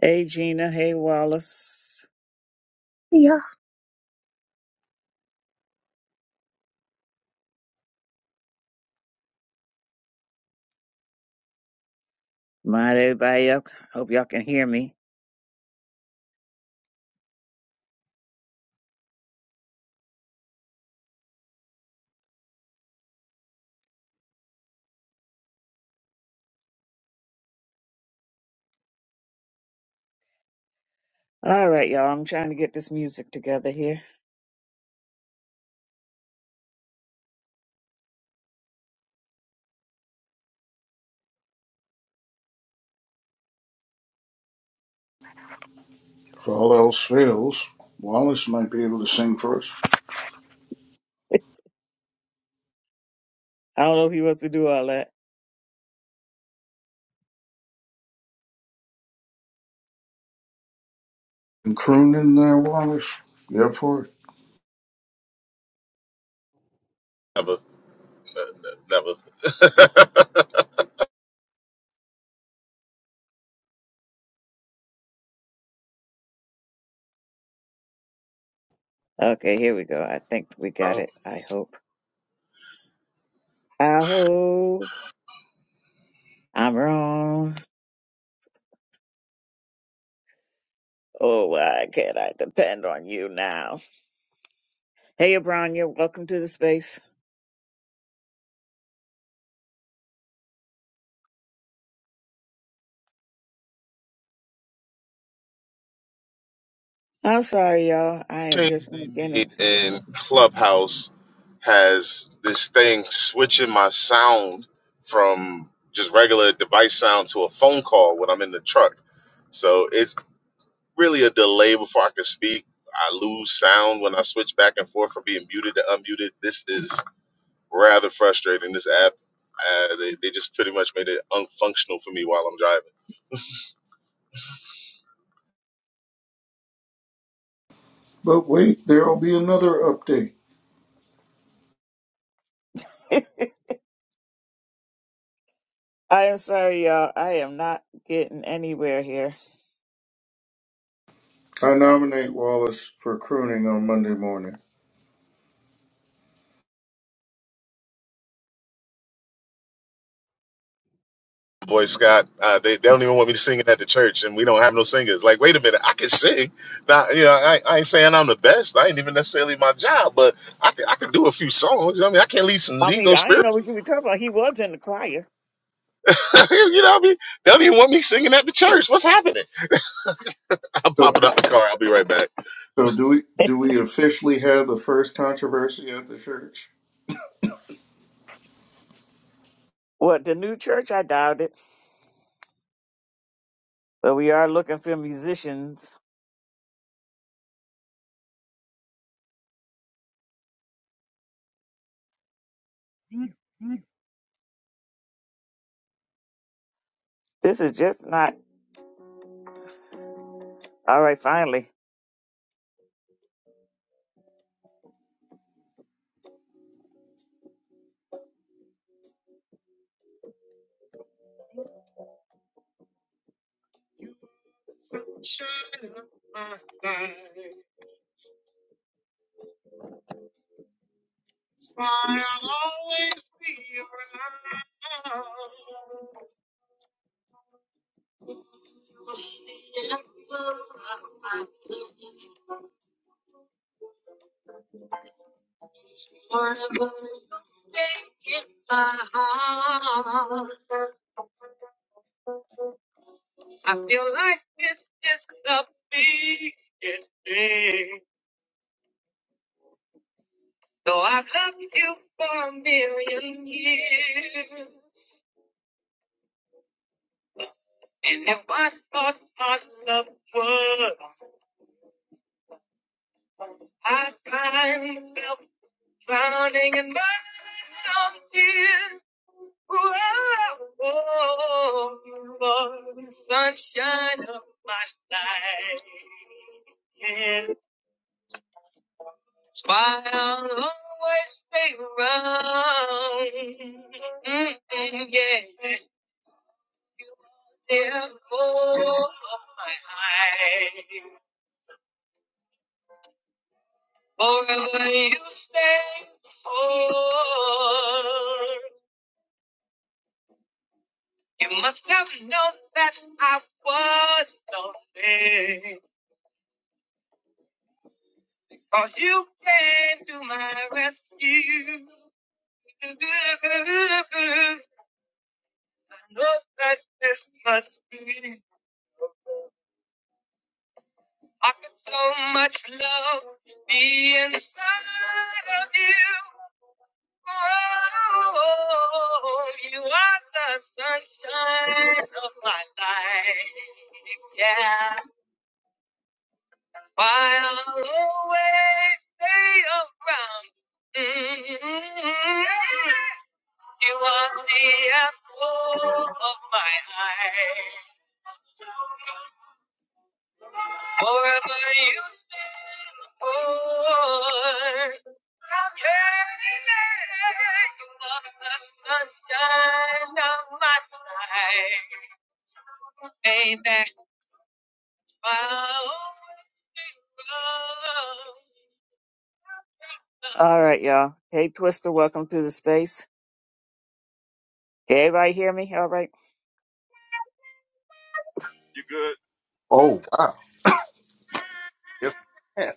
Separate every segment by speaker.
Speaker 1: Hey Gina, hey Wallace.
Speaker 2: Yeah,
Speaker 1: Mind everybody up. Hope y'all can hear me. All right, y'all. I'm trying to get this music together here.
Speaker 3: If all else fails, Wallace might be able to sing for us.
Speaker 1: I don't know if you want to do all that.
Speaker 3: And croon in there, Wallace. Get for it.
Speaker 4: Never, n- n- never.
Speaker 1: Okay, here we go. I think we got
Speaker 4: oh.
Speaker 1: it. I hope. I hope I'm wrong. Oh, why can't I depend on you now? Hey, Abronya, welcome to the space. I'm sorry, y'all. I am just
Speaker 4: Change they
Speaker 1: beginning.
Speaker 4: made in Clubhouse has this thing switching my sound from just regular device sound to a phone call when I'm in the truck. So it's really a delay before I can speak. I lose sound when I switch back and forth from being muted to unmuted. This is rather frustrating. This app, uh, they, they just pretty much made it unfunctional for me while I'm driving.
Speaker 3: But wait, there'll be another update.
Speaker 1: I am sorry, y'all. I am not getting anywhere here.
Speaker 3: I nominate Wallace for crooning on Monday morning.
Speaker 4: Boy Scott, uh, they, they don't even want me to sing it at the church, and we don't have no singers. Like, wait a minute, I can sing. Now, you know, I, I ain't saying I'm the best. I ain't even necessarily my job, but I can, I can do a few songs. You know what I mean, I can lead some
Speaker 1: I mean,
Speaker 4: legal
Speaker 1: I didn't know
Speaker 4: spiritual.
Speaker 1: what you were talking about. He was in the choir.
Speaker 4: you know what I mean? They don't even want me singing at the church. What's happening? I'm
Speaker 3: So,
Speaker 4: popping out the car. I'll be right back.
Speaker 3: so do we? Do we officially have the first controversy at the church?
Speaker 1: what, the new church? I doubt it. But we are looking for musicians. This is just not. All right, finally. Forever you will stay in my heart. I feel like this is the beginning. Though I've loved you for a million years. And if I thought our love was, I find myself Drowning in my own tears. Whoa, Lord, sunshine of my life. Yeah. It's why I'll always stay around. Mm-hmm, yeah. You are there for my life. Forever you stay. oh. You must have known that I was lonely. For you came to my rescue. I know that this must be. I could so much love be inside of you. Oh, you are the sunshine of my life. Yeah. I'll always stay around. Mm-hmm. You are the apple of my eye. Forever you stand for. You are the sunshine of my life. Baby, I'll always be around. All right, y'all. Hey, Twister, welcome to the space. Can everybody hear me? All
Speaker 5: You good?
Speaker 3: Oh wow, Yes. we can.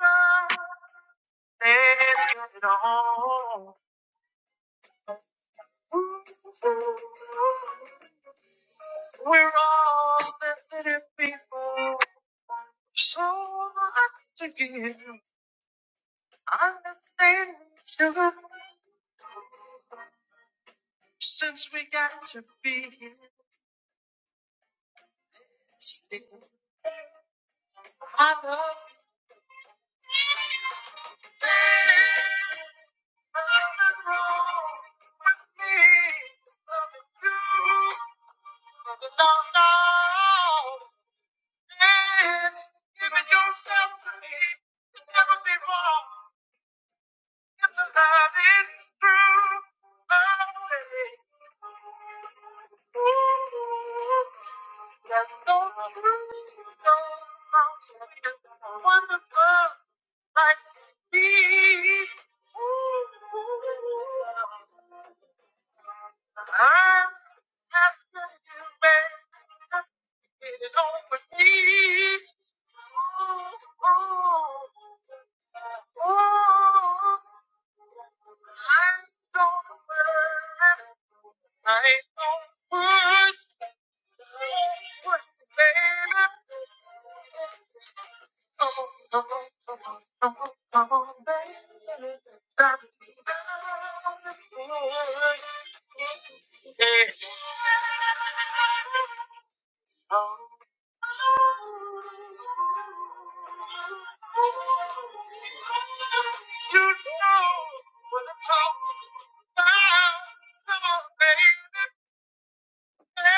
Speaker 1: right. Let's get it on. We're all sensitive people, so much to give. Understand each other since we got to be here. Still, I love you. Nothing wrong with me. Nothing to Nothing at all. And giving yourself to me can never be wrong. If the love is true, baby. Ooh, that's so true. So sweet and wonderful like me. I'm asking you, baby, get it on with me. Ooh, ooh, ooh. I ain't gonna worry. I ain't gonna push. Talk about, come on,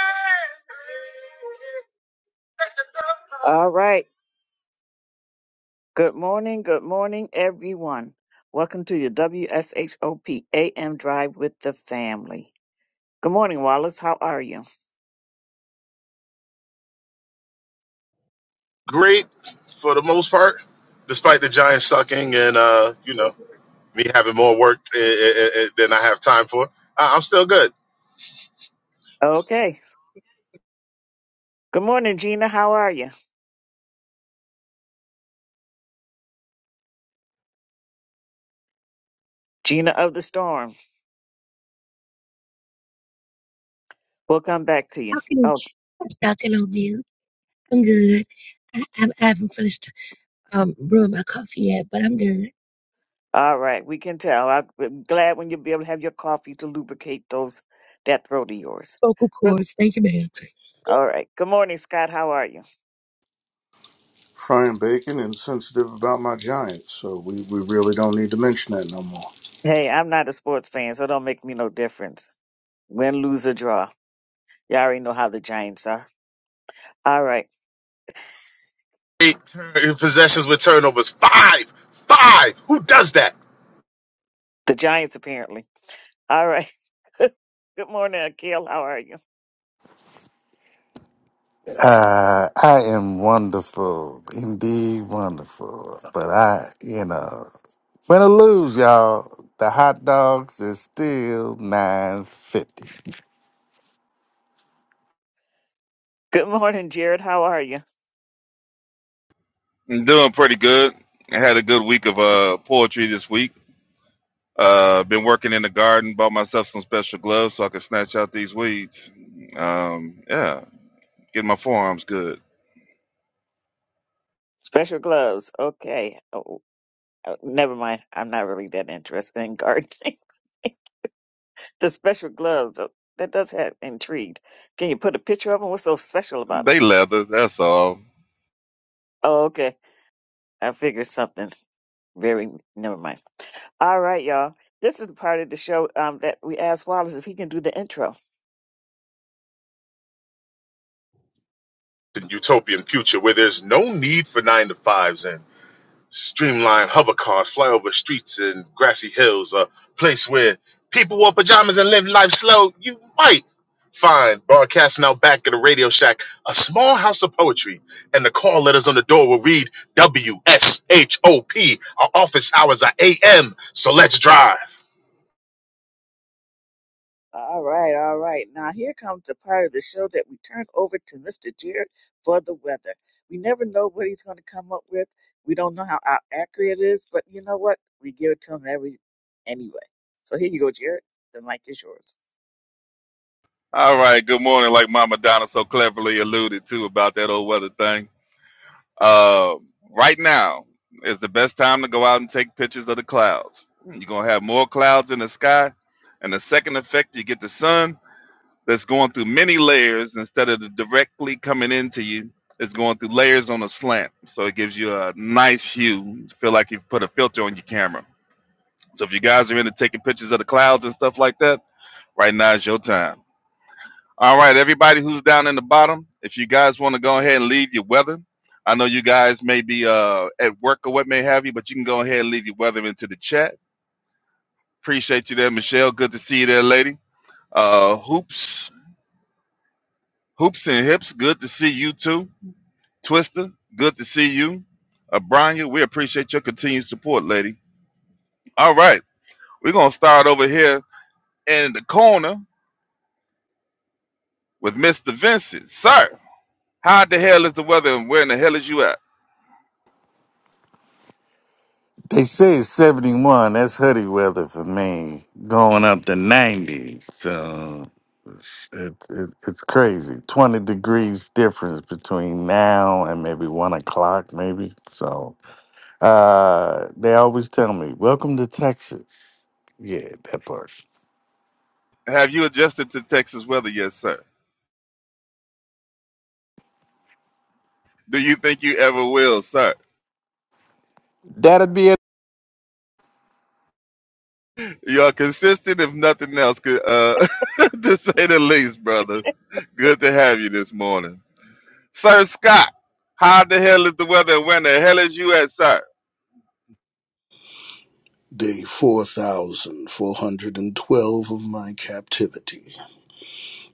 Speaker 1: baby. All right. Good morning. Good morning, everyone. Welcome to your W S H O P A M Drive with the family. Good morning, Wallace. How are you?
Speaker 4: Great for the most part, despite the Giants sucking and uh, you know me having more work eh, eh, eh, eh, than I have time for. I, I'm still good.
Speaker 1: Okay. Good morning, Gina. How are you? Gina of the Storm. We'll come back to you.
Speaker 2: how can
Speaker 1: Oh,
Speaker 2: it's not gonna do? I'm good. I, I, I haven't finished um brewing my coffee yet, but I'm good.
Speaker 1: all right. We can tell. I'm glad when you'll be able to have your coffee to lubricate those that throat of yours.
Speaker 2: Vocal
Speaker 1: Good.
Speaker 2: cords, thank you, ma'am.
Speaker 1: All right. Good morning, Scott. How are you?
Speaker 3: frying bacon and sensitive about my giants. So we, we really don't need to mention that no more.
Speaker 1: Hey, I'm not a sports fan, so don't make me no difference. Win, lose, or draw. Y'all already know how the Giants are. All right.
Speaker 4: eight turn- possessions with turnovers. Five, five. Who does that?
Speaker 1: The Giants, apparently. All right. Good morning, Akil. How are you?
Speaker 6: Uh, I am wonderful, indeed wonderful. But I, you know, win or lose, y'all, the hot dogs is still nine fifty.
Speaker 1: Good morning, Jared. How are you?
Speaker 5: I'm doing pretty good. I had a good week of uh, poetry this week. Uh, been working in the garden, bought myself some special gloves so I could snatch out these weeds. Um, yeah, getting my forearms good.
Speaker 1: Special gloves. Okay. Oh, oh, oh, never mind. I'm not really that interested in gardening. the special gloves. Oh, that does have intrigued. Can you put a picture of them? What's so special about them?
Speaker 5: They leather, that's all.
Speaker 1: Oh, okay. I figured something very never mind. All right, y'all. This is the part of the show um, that we asked Wallace if he can do the intro.
Speaker 4: In utopian future where there's no need for nine to fives and streamlined hover cars fly over streets and grassy hills, a place where people wore pajamas and live life slow. You might find broadcasting out back at a radio shack a small house of poetry, and the call letters on the door will read W S H O P. Our office hours are A.M. So let's drive.
Speaker 1: All right, all right. Now here comes the part of the show that we turn over to Mr. Jared for the weather. We never know what he's going to come up with. We don't know how ac- accurate it is, but you know what? We give it to him every anyway. So here you go, Jared. The mic is yours.
Speaker 5: All right, good morning, like Mama Donna so cleverly alluded to about that old weather thing. Uh, right now is the best time to go out and take pictures of the clouds. You're going to have more clouds in the sky. And the second effect, you get the sun that's going through many layers instead of the directly coming into you. It's going through layers on a slant, so it gives you a nice hue. You Feel like you've put a filter on your camera. So if you guys are into taking pictures of the clouds and stuff like that, right now is your time. All right, everybody who's down in the bottom, if you guys want to go ahead and leave your weather, I know you guys may be uh, at work or what may have you, but you can go ahead and leave your weather into the chat. Appreciate you there, Michelle. Good to see you there, lady. Uh, hoops, hoops and hips. Good to see you too. Twister, good to see you. Abranya, we appreciate your continued support, lady. All right, we're gonna start over here in the corner with Mr. Vincent. Sir, how the hell is the weather and where in the hell is you at?
Speaker 6: They say it's seventy one. That's hoodie weather for me. Going up to ninety, so it's it's it's it's crazy. Twenty degrees difference between now and maybe one o'clock, maybe. So uh, they always tell me, "Welcome to Texas." Yeah, that part.
Speaker 5: Have you adjusted to Texas weather yet, sir? Do you think you ever will, sir?
Speaker 6: That'll be it.
Speaker 5: You are consistent, if nothing else, could, uh, to say the least, brother. Good to have you this morning. Sir Scott, how the hell is the weather and where in the hell is you at, sir?
Speaker 3: Day four thousand four hundred and twelve of my captivity.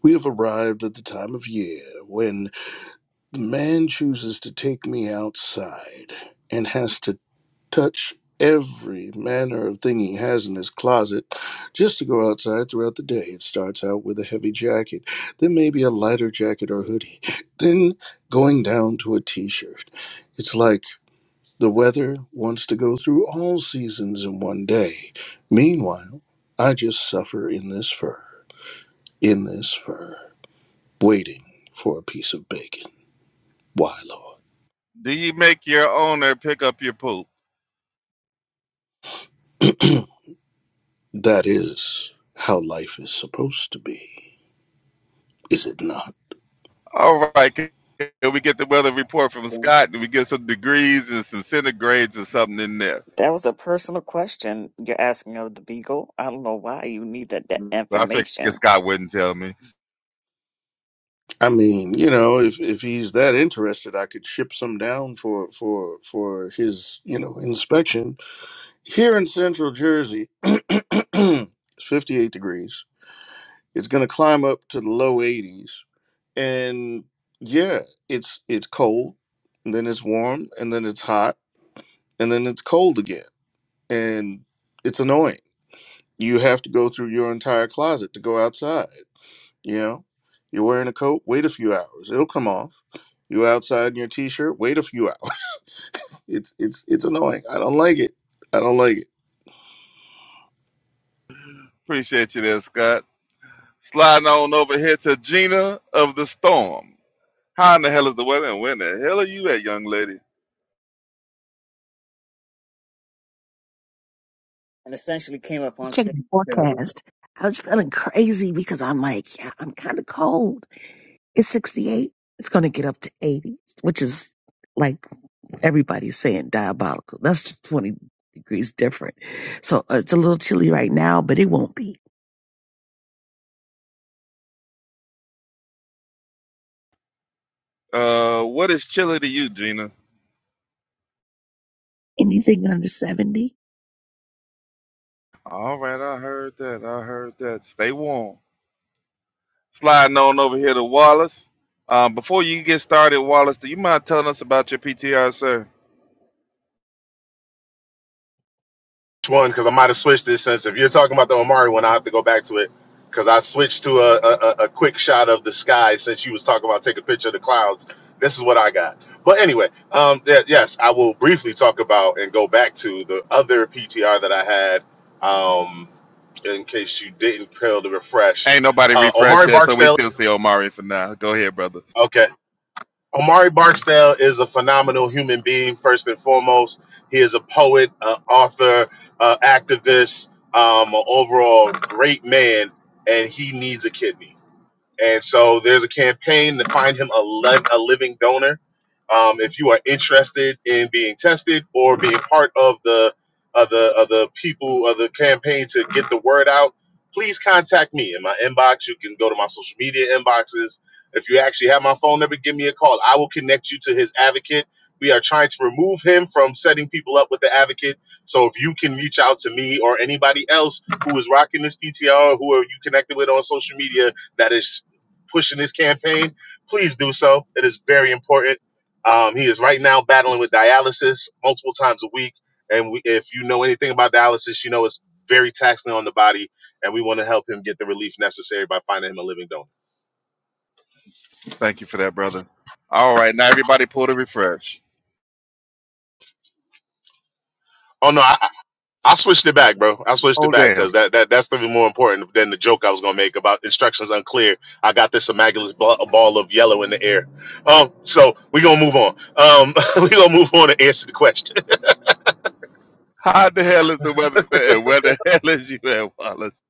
Speaker 3: We have arrived at the time of year when the man chooses to take me outside and has to touch every manner of thing he has in his closet just to go outside throughout the day. It starts out with a heavy jacket, then maybe a lighter jacket or hoodie, then going down to a t shirt. It's like the weather wants to go through all seasons in one day. Meanwhile, I just suffer in this fur, in this fur waiting for a piece of bacon. Why, Lord?
Speaker 5: Do you make your owner pick up your poop?
Speaker 3: That is how life is supposed to be, is it not?
Speaker 5: All right. Can can we get the weather report from
Speaker 1: Interesting.
Speaker 5: Scott? Do we get some degrees and some centigrades or something in there?
Speaker 1: That was a personal question you're asking of the Beagle. I don't know why you need that, that
Speaker 5: I figured
Speaker 1: information.
Speaker 5: Scott wouldn't tell me.
Speaker 3: I mean, you know, if, if he's that interested, I could ship some down for for for his, you know, inspection. Here in central Jersey, it's 58 degrees. It's going to climb up to the low 80s and yeah, it's it's cold, and then it's warm, and then it's hot, and then it's cold again. And it's annoying you have to go through your entire closet to go outside. You know, you're wearing a coat, wait a few hours, it'll come off. You outside in your t-shirt, wait a few hours. It's it's it's annoying. I don't like it. I don't like it.
Speaker 5: Appreciate you there, Scott. Sliding on over here to Gina of the Storm. How in the hell is the weather and where in the hell are you at, young lady?
Speaker 1: And essentially came up
Speaker 2: was
Speaker 1: on
Speaker 2: checking
Speaker 1: stage
Speaker 2: the
Speaker 1: too.
Speaker 2: forecast. I was feeling crazy because I'm like, yeah, I'm kind of cold. It's 68. It's going to get up to 80, which is like Everybody's saying diabolical. That's 20 degrees different. So uh, it's a little chilly right now, but it won't be
Speaker 5: Uh, what is chilly to you, Gina?
Speaker 2: anything under 70.
Speaker 5: All right, I heard that. I heard that. Stay warm. Sliding on over here to Wallace. Um, before you get started, Wallace, do you mind telling us about your PTR, sir?
Speaker 4: which one because I might have switched it since if you're talking about the Omari one, I have to go back to it because I switched to a, a a quick shot of the sky since you was talking about take a picture of the clouds. This is what I got. But anyway, um, yeah, yes, I will briefly talk about and go back to the other PTR that I had. Um, in case you didn't fail to refresh,
Speaker 5: Ain't nobody
Speaker 4: uh,
Speaker 5: refreshed
Speaker 4: Omari
Speaker 5: yet, so we
Speaker 4: Barksdale.
Speaker 5: still see Omari for now. Go ahead, brother.
Speaker 4: Okay. Omari Barksdale is a phenomenal human being, first and foremost. He is a poet, uh, author, uh, activist, um, an overall great man, and he needs a kidney. And so there's a campaign to find him a, li- a living donor. Um, if you are interested in being tested or being part of the of the of the people of the campaign to get the word out, please contact me in my inbox. You can go to my social media inboxes. If you actually have my phone number, give me a call. I will connect you to his advocate. We are trying to remove him from setting people up with the advocate. So if you can reach out to me or anybody else who is rocking this PTR who are you connected with on social media, that is pushing his campaign, please do so. It is very important. Um, he is right now battling with dialysis multiple times a week. And we, if you know anything about dialysis, you know it's very taxing on the body. And we want to help him get the relief necessary by finding him a living donor.
Speaker 5: Thank you for that, brother. All right, now everybody pull the refresh.
Speaker 4: Oh, no, I, I switched it back, bro. I switched it
Speaker 5: Oh,
Speaker 4: back
Speaker 5: damn.
Speaker 4: because that, that, that's even more important than the joke I was going to make about instructions unclear. I got this immaculate ball, ball of yellow in the air. Um, so we're going to move on. Um, we're going to move on and answer the question.
Speaker 5: How the hell is the weather, and where the hell is you at, Wallace?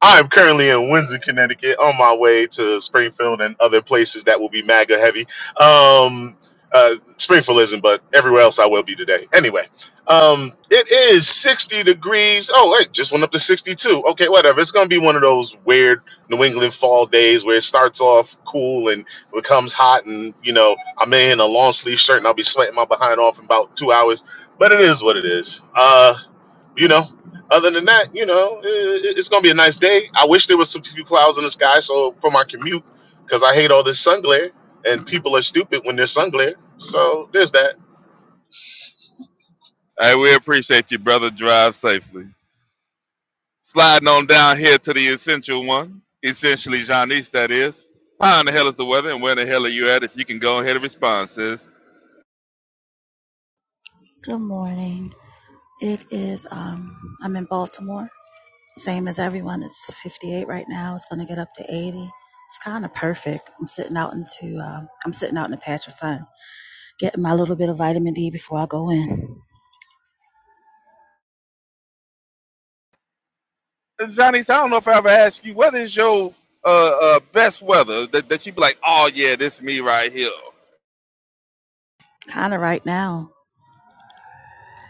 Speaker 4: I am currently in Windsor, Connecticut, on my way to Springfield and other places that will be MAGA heavy. Um, uh, Springfield isn't, but everywhere else I will be today. Anyway, um, it is 60 degrees. Oh, wait, just went up to 62. Okay, whatever. It's going to be one of those weird New England fall days where it starts off cool and becomes hot. And, you know, I'm in a long sleeve shirt and I'll be sweating my behind off in about two hours. But it is what it is. Uh, you know, other than that, you know, it, it- it's gonna be a nice day. I wish there was some few clouds in the sky so for my commute, because I hate all this sun glare, and people are stupid when there's sun glare. So there's that.
Speaker 5: Hey, we appreciate you, brother. Drive safely. Sliding on down here to the essential one, essentially Janice, that is. How in the hell is the weather, and where the hell are you at? If you can go ahead and respond, sis.
Speaker 7: Good morning. It is um I'm in Baltimore. Same as everyone. It's 58 right now. It's going to get up to 80. It's kind of perfect. I'm sitting out into um, I'm sitting out in the patch of sun, getting my little bit of vitamin D before I go in.
Speaker 5: Johnny, so I don't know if I ever asked you, what is your uh, uh, best weather that, that you be like, oh yeah, this me right here.
Speaker 7: Kind of right now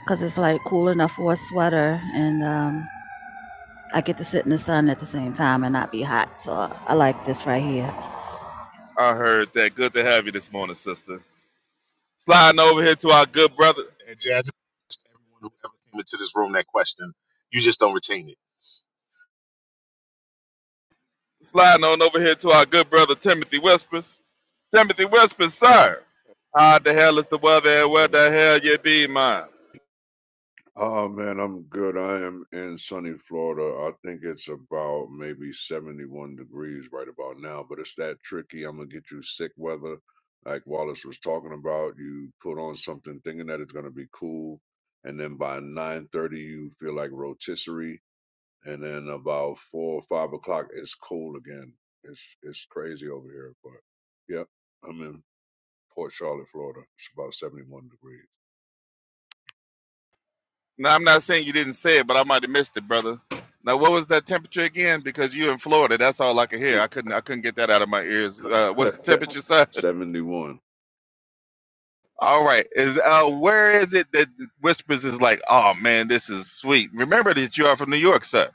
Speaker 7: because it's like cool enough for a sweater and um, I get to sit in the sun at the same time and not be hot. So I, I like this right here.
Speaker 5: I heard that. Good to have you this morning, sister. Sliding over here to our good brother,
Speaker 4: And Jazz, everyone who ever came into this room that question, you just don't retain it.
Speaker 5: sliding on over here to our good brother Timothy Whispers. Timothy Whispers, sir. How the hell is the weather and where
Speaker 8: Yeah.
Speaker 5: the hell you be, man?
Speaker 8: Oh man, I'm good. I am in sunny Florida. I think it's about maybe 71 degrees right about now, but it's that tricky. I'm gonna get you sick weather, like Wallace was talking about. You put on something thinking that it's gonna be cool, and then by 9:30 you feel like rotisserie, and then about four or five o'clock it's cold again. It's it's crazy over here, but yep, I'm in Port Charlotte, Florida. It's about 71
Speaker 5: Now I'm not saying you didn't say it, but I might have missed it, brother. Now what was that temperature again? Because you in Florida, that's all I could hear.
Speaker 8: degrees.
Speaker 5: I couldn't I couldn't get that out of my ears. Uh, what's the temperature, sir?
Speaker 8: 71.
Speaker 5: All right. Is uh where is it that Whispers is like, oh man, this is sweet. Remember that you are from New York, sir.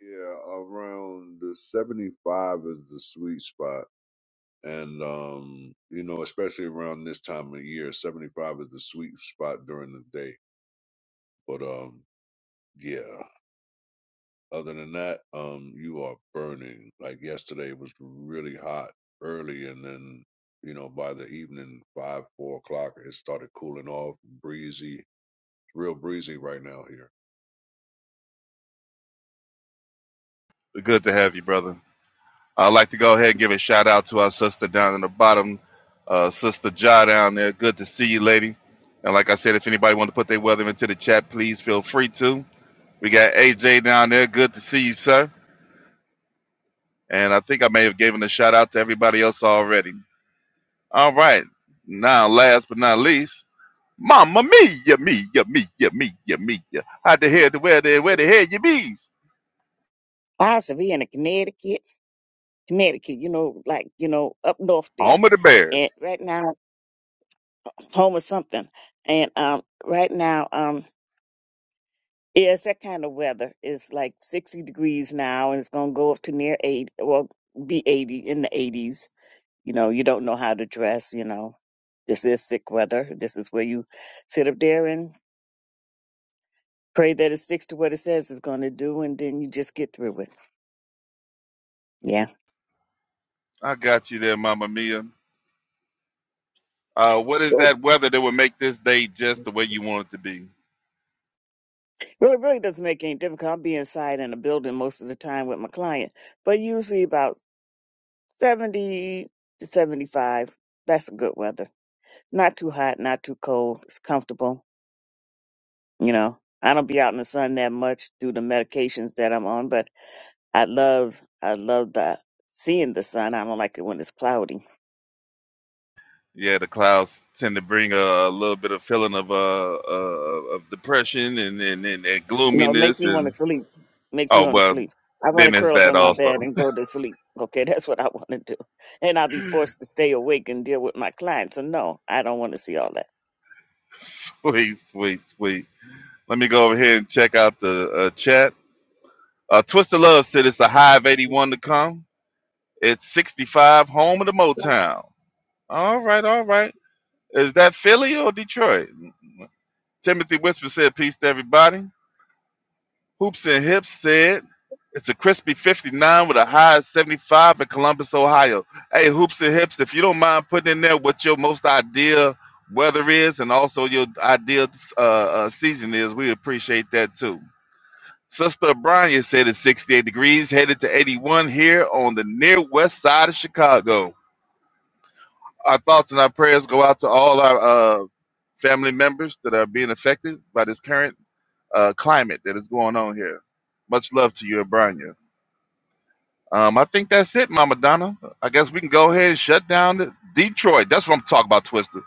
Speaker 8: Yeah, around the 75 is the sweet spot. And, um, you know, especially around this time of year, 75 is the sweet spot during the day. But, um, yeah, other than that, um, you are burning. Like yesterday was really hot early. And then, you know, by the evening, five, four o'clock, it started cooling off, breezy, real breezy right now here.
Speaker 5: Good to have you, brother. I'd like to go ahead and give a shout out to our sister down in the bottom, uh, sister Ja down there. Good to see you, lady. And like I said, if anybody want to put their weather into the chat, please feel free to. We got AJ down there. Good to see you, sir. And I think I may have given a shout out to everybody else already. All right. Now, last but not least. Mamma mia, mia, mia, mia, mia. How the hell, where the where the hell you bees?
Speaker 1: I used to be in a Connecticut, Connecticut, you know, like, you know, up north there.
Speaker 5: Home of the
Speaker 1: And
Speaker 5: Bears.
Speaker 1: right now home or something. And um, right now, um, yeah, it's that kind of weather. It's like 60 degrees now, and it's gonna go up to near 80, well, be 80 in the 80s. You know, you don't know how to dress. You know, this is sick weather. This is where you sit up there and pray that it sticks to what it says it's gonna do, and then you just get through it. Yeah.
Speaker 5: I got you there, Mamma Mia. Uh, what is
Speaker 1: Good.
Speaker 5: that weather that would make this day just the way you want it to be?
Speaker 1: Really, really doesn't make any difference. I'll be inside in a building most of the time with my client, but usually about 70 to 75. That's good weather. Not too hot, not too cold. It's comfortable. You know, I don't be out in the sun that much due to medications that I'm on, but I love, I love the seeing the sun. I don't like it when it's cloudy.
Speaker 5: Yeah, the clouds tend to bring a, a little bit of feeling of uh, uh of depression and and, and and
Speaker 1: You know, it makes
Speaker 5: gloominess
Speaker 1: me want to
Speaker 5: and
Speaker 1: sleep. Makes me
Speaker 5: oh
Speaker 1: want to
Speaker 5: well,
Speaker 1: sleep. I want to
Speaker 5: then it's
Speaker 1: curl up
Speaker 5: that
Speaker 1: in my bed
Speaker 5: also.
Speaker 1: and go to sleep. Okay, that's what I want to do. And I'll be forced to stay awake and deal with my clients. So no, I don't want to see all that.
Speaker 5: sweet, sweet, sweet. Let me go over here and check out the uh, chat. Uh, Twister Love said it's a high of 81 to come. It's 65, home of the Motown. All right, all right. Is that Philly or Detroit? Timothy Whisper said, Peace to everybody. Hoops and Hips said, It's a crispy 59 with a high of 75 in Columbus, Ohio. Hey, Hoops and Hips, if you don't mind putting in there what your most ideal weather is and also your ideal uh, uh, season is, we appreciate that too. Sister O'Brien said it's 68 degrees, headed to 81 here on the near west side of Chicago. Our thoughts and our prayers go out to all our uh, family members that are being affected by this current uh, climate that is going on here. Much love to you, Abrania. Um, I think that's it, Mama Donna. I guess we can go ahead and shut down the- Detroit. That's what I'm talking about, Twister.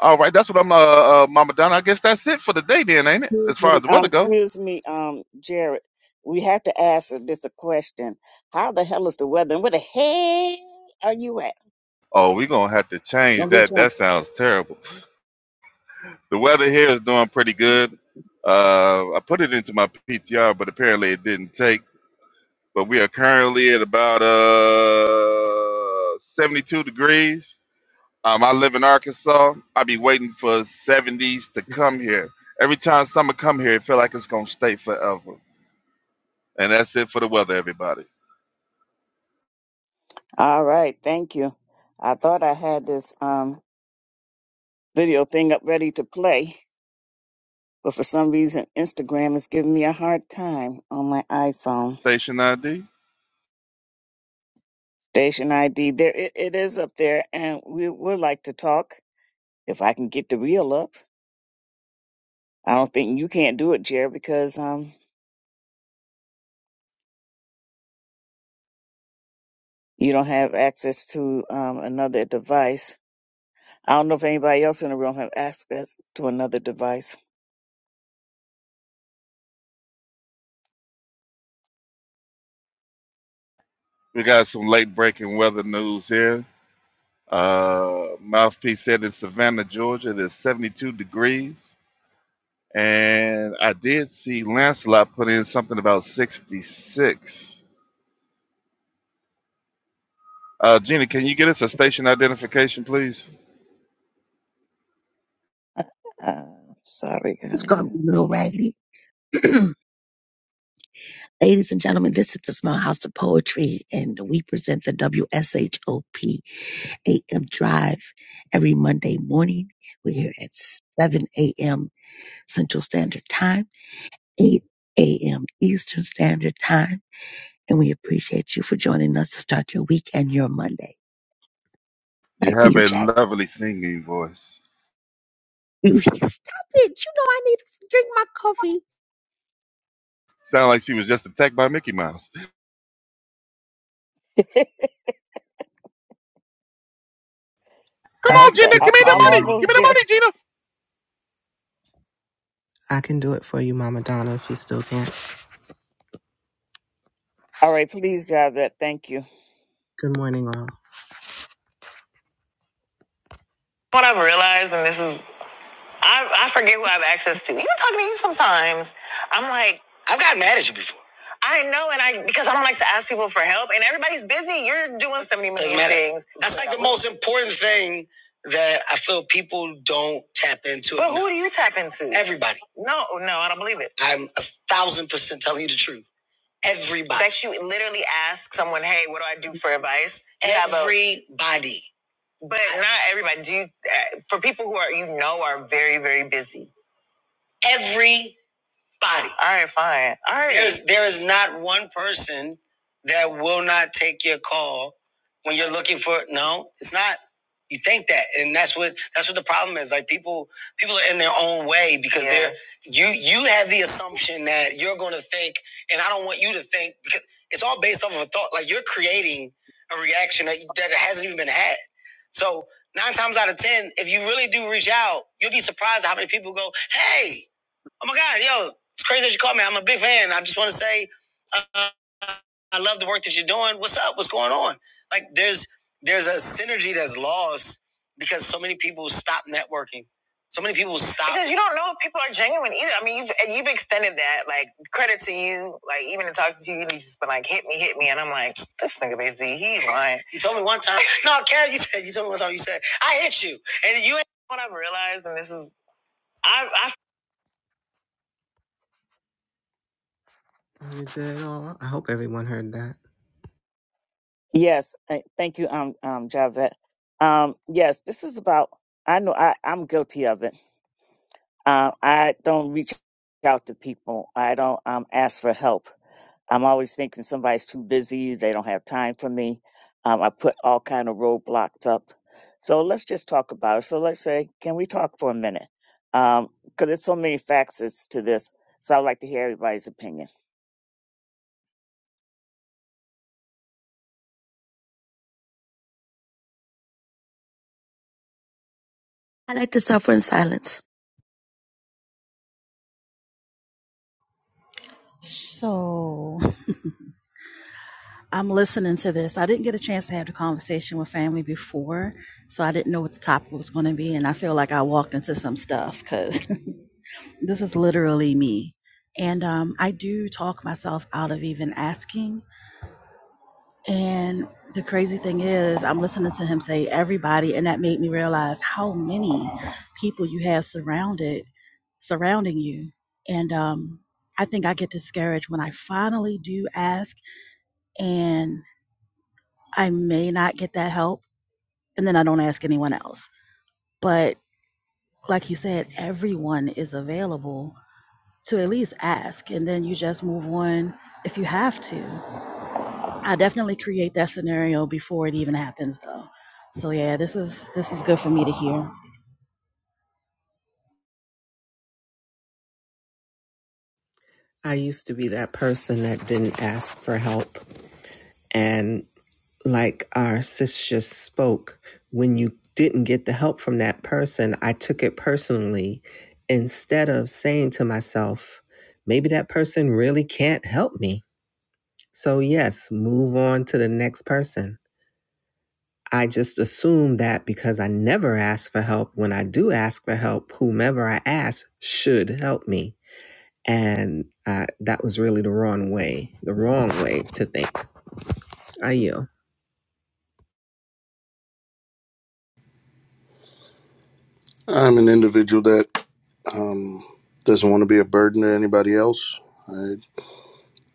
Speaker 5: All right, that's what I'm, uh, uh, Mama Donna. I guess that's it for the day, then, ain't it?
Speaker 1: Excuse
Speaker 5: As far
Speaker 1: me,
Speaker 5: as the
Speaker 1: uh,
Speaker 5: weather go.
Speaker 1: excuse me, um, Jared. We have to ask this a question. How the hell is the weather? And where the hell are you at?
Speaker 5: Oh, we're gonna have to change
Speaker 1: Don't be
Speaker 5: that.
Speaker 1: trying.
Speaker 5: That sounds terrible. The weather here is doing pretty good. Uh, I put it into my PTR, but apparently it didn't take. but we are currently at about uh 72 degrees. Um, I live in Arkansas. I be waiting for 70s to come here. Every time summer come here, it feel like it's gonna stay forever. And that's it for the weather, everybody.
Speaker 1: All right, thank you. I thought I had this um video thing up ready to play. But for some reason, Instagram is giving me a hard time on my iPhone.
Speaker 5: Station ID.
Speaker 1: Station ID, there it, it is up there, and we would like to talk if I can get the reel up. I don't think you can't do it, Jared, because um you don't have access to um another device. I don't know if anybody else in the room have access to another device.
Speaker 5: We got some late breaking weather news here. Uh, Mouthpiece said in Savannah, Georgia, it is 72 degrees. And I did see Lancelot put in something about 66. Uh, Gina, can you get us a station identification, please?
Speaker 1: Uh, sorry,
Speaker 2: It's going to
Speaker 1: guys.
Speaker 2: be real raggedy. Ladies and gentlemen, this is the Small House of Poetry, and we present the W S H O P A M Drive every Monday morning. We're here at 7 a.m. Central Standard Time, 8 a.m. Eastern Standard Time, and we appreciate you for joining us to start your week and your Monday.
Speaker 5: You
Speaker 2: Back to
Speaker 5: have
Speaker 2: you,
Speaker 5: a
Speaker 2: Jack.
Speaker 5: lovely singing voice.
Speaker 2: Stop it. You know I need to drink my coffee.
Speaker 5: Sound like she was just attacked by Mickey Mouse. Come
Speaker 9: I
Speaker 1: I'm
Speaker 5: on,
Speaker 9: can
Speaker 1: sorry.
Speaker 5: Gina,
Speaker 9: do it
Speaker 1: I-
Speaker 5: give me
Speaker 9: for
Speaker 5: the
Speaker 1: I'm
Speaker 9: you.
Speaker 5: money.
Speaker 9: Mama.
Speaker 5: Give
Speaker 1: almost
Speaker 5: me the
Speaker 1: there.
Speaker 5: money, Gina.
Speaker 9: I can do it for you, Mama Donna, if you still can't.
Speaker 1: All right, please, Javette. Thank you.
Speaker 9: Good morning, all. What I've realized, and this is, I, I forget who I have access to. Even talking to you sometimes, I'm like, I've gotten mad at you before. I know, and I because I don't like to ask people for help, and everybody's busy. You're doing so many million things. That's like the most important thing that I feel people don't tap into. But who do you tap into? Everybody. No, no, I don't believe it. I'm a thousand percent telling you the truth. Everybody. That you literally ask someone, hey, what do I do for advice? Everybody. But not everybody. Do you, uh, for people who are you know are very very busy. Every body. All right, fine. All right. There's, there is not one person that will not take your call when you're looking for. No, it's not. You think that, and that's what that's what the problem is. Like people, people are in their own way because Yeah. they're you. You have the assumption that you're going to think, and I don't want you to think because it's all based off of a thought. Like you're creating a reaction that that hasn't even been had. So nine times out of ten, if you really do reach out, you'll be surprised at how many people go, "Hey." Oh my God, yo, it's crazy that you called me. I'm a big fan. I just want to say, uh, I love the work that you're doing. What's up? What's going on? Like, there's there's a synergy that's lost because so many people stop networking. So many people stop because you don't know if people are genuine either. I mean, you've and you've extended that. Like, credit to you. Like, even in talking to you, you just been like, "Hit me, hit me," and I'm like, "This nigga busy. He's lying." You told me one time. No, Kev, you said you told me one time. You said I hit you, and you. ain't What I've realized, and this is. I, I Is it all? I hope everyone heard that.
Speaker 1: Yes, I- thank you, um, um, Javette. Um, yes, this is about. I know I, I'm guilty of it. Uh, I don't reach out to people. I don't um, ask for help. I'm always thinking somebody's too busy. They don't have time for me. Um, I put all kind of roadblocks up. So let's just talk about it. So let's say, can we talk for a minute? Because there's so many facets to this. So I'd like to hear everybody's opinion.
Speaker 2: I like to suffer in silence.
Speaker 7: So I'm listening to this. I didn't get a chance to have the conversation with family before, so I didn't know what the topic was going to be. And I feel like I walked into some stuff because This is literally me. And um, I do talk myself out of even asking. And the crazy thing is, I'm listening to him say everybody, and that made me realize how many people you have surrounded, surrounding you. And um, I think I get discouraged when I finally do ask, and I may not get that help, and then I don't ask anyone else. But like you said, everyone is available to at least ask and then you just move on if you have to. I definitely create that scenario before it even happens though. So yeah, this is this is good for me to hear.
Speaker 9: I used to be that person that didn't ask for help. And like our sis just spoke, when you didn't get the help from that person, I took it personally instead of saying to myself, maybe that person really can't help me. So, yes, move on to the next person. I just assume that because I never ask for help, when I do ask for help, whomever I ask should help me. And uh, that was really the wrong way, the wrong way to think. I yield.
Speaker 3: I'm an individual that um, doesn't want to be a burden to anybody else. I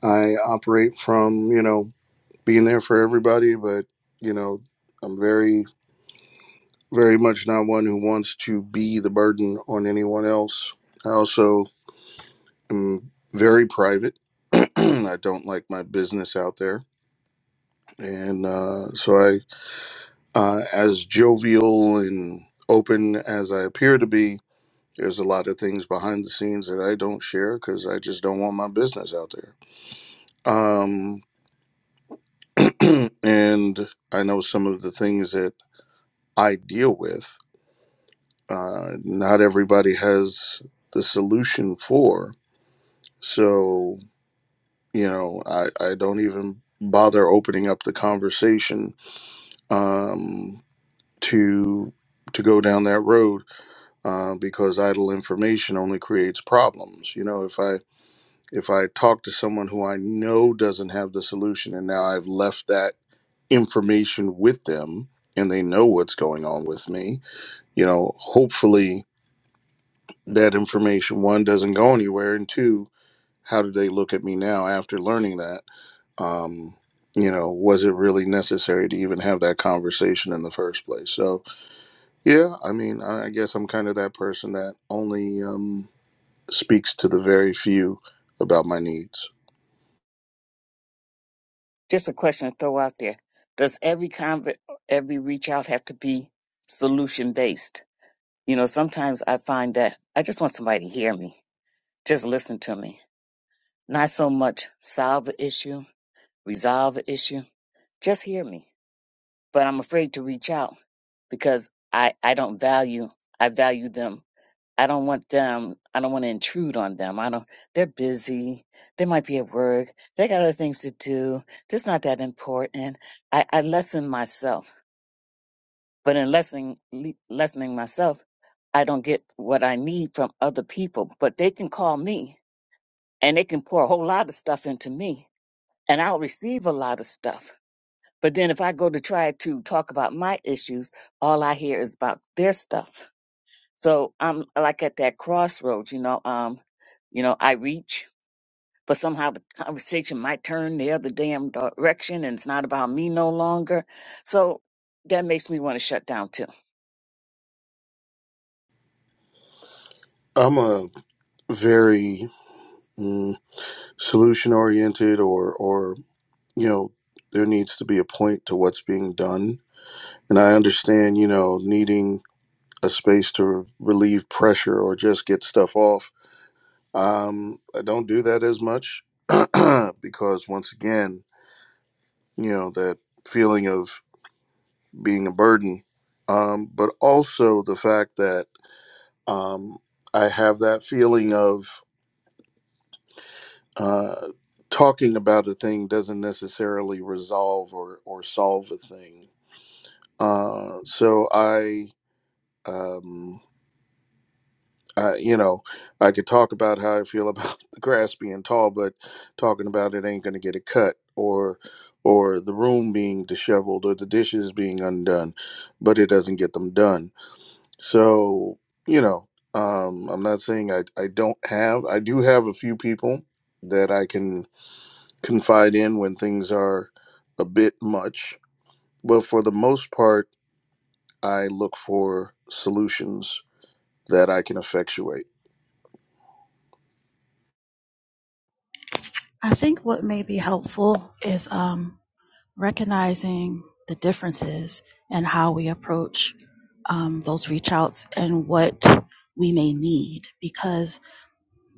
Speaker 3: I operate from you know being there for everybody, but you know I'm very very much not one who wants to be the burden on anyone else. I also I'm very private. I don't like my business out there, and uh, so I, uh, as jovial and open as I appear to be, there's a lot of things behind the scenes that I don't share because I just don't want my business out there. Um, and I know some of the things that I deal with. Uh, not everybody has the solution for, so you know, I, I don't even bother opening up the conversation um, to to go down that road uh, because idle information only creates problems. You know, if I if I talk to someone who I know doesn't have the solution, and now I've left that information with them, and they know what's going on with me. You know, hopefully that information one doesn't go anywhere, and two, how do they look at me now after learning that? Um, you know, was it really necessary to even have that conversation in the first place? So, Yeah, I mean, I I guess I'm kind of that person that only um, speaks to the very few about my needs.
Speaker 1: Just a question to throw out there: Does every convert, every reach out have to be solution based? You know, sometimes I find that I just want somebody to hear me, just listen to me Not so much solve the issue, resolve the issue. Just hear me. But I'm afraid to reach out because I, I don't value, I value them. I don't want them, I don't want to intrude on them. I don't, they're busy. They might be at work. They got other things to do. It's not that important. I, I lessen myself. But in lessening, le- lessening myself, I don't get what I need from other people, but they can call me and they can pour a whole lot of stuff into me. and I'll receive a lot of stuff. But then if I go to try to talk about my issues, all I hear is about their stuff. So I'm like at that crossroads, you know, um, you know, I reach, but somehow the conversation might turn the other damn direction and it's not about me no longer. So that makes me want to shut down too.
Speaker 3: I'm a very mm, solution oriented, or, or, you know, there needs to be a point to what's being done. And I understand, you know, needing a space to re- relieve pressure or just get stuff off. Um, I don't do that as much because, once again, you know, that feeling of being a burden, um, but also the fact that um, I have that feeling of uh, talking about a thing doesn't necessarily resolve or, or solve a thing. Uh, so I, um, I, you know, I could talk about how I feel about the grass being tall, but talking about it ain't going to get a cut or or the room being disheveled or the dishes being undone, but it doesn't get them done So, you know, um, I'm not saying I, I don't have, I do have a few people that I can confide in when things are a bit much. But for the most part, I look for solutions that I can effectuate.
Speaker 7: I think what may be helpful is um recognizing the differences and how we approach um, those reach outs and what we may need because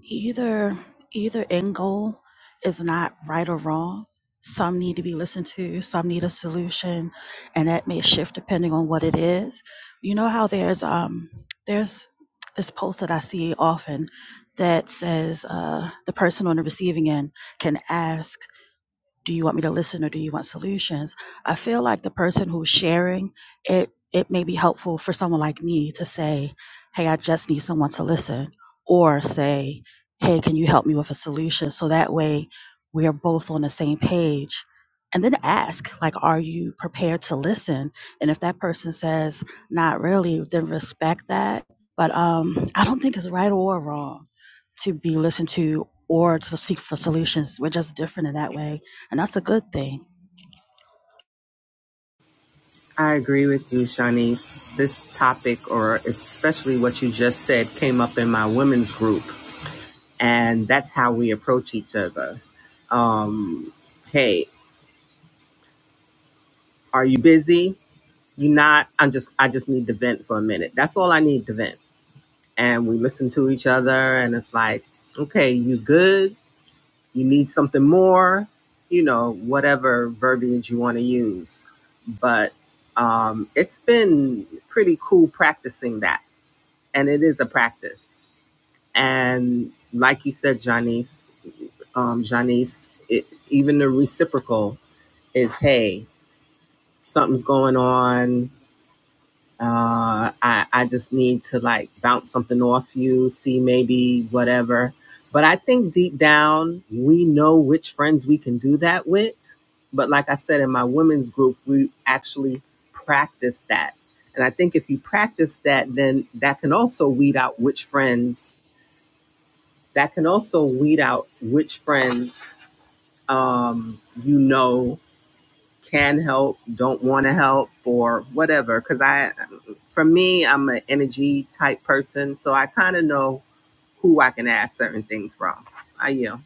Speaker 7: either either end goal is not right or wrong some need to be listened to some need a solution and that may shift depending on what it is you know how there's um there's this post that i see often that says uh, the person on the receiving end can ask do you want me to listen or do you want solutions i feel like the person who's sharing it it may be helpful for someone like me to say hey i just need someone to listen or say hey can you help me with a solution so that way we are both on the same page and then ask like are you prepared to listen and if that person says not really then respect that but um i don't think it's right or wrong to be listened to or to seek for solutions we're just different in that way and that's a good thing.
Speaker 9: I agree with you, Shanice. This topic, or especially what you just said, came up in my women's group, and that's how we approach each other. Um, hey, are you busy? You not? I'm just. I just need to vent for a minute. That's all I need to vent. And we listen to each other, and it's like, okay, you good? you need something more, you know, whatever verbiage you want to use. But um, it's been pretty cool practicing that. And it is a practice. And like you said, Janice, um, Janice, it, even the reciprocal is, hey, something's going on. uh, I, I just need to like bounce something off you, see maybe whatever. But I think deep down, we know which friends we can do that with. But like I said, in my women's group, we actually practice that. And I think if you practice that, then that can also weed out which friends, that can also weed out which friends um, you know can help, don't want to help, or whatever. Because I, for me, I'm an energy type person, so I kind of know who I can ask certain things from. I am,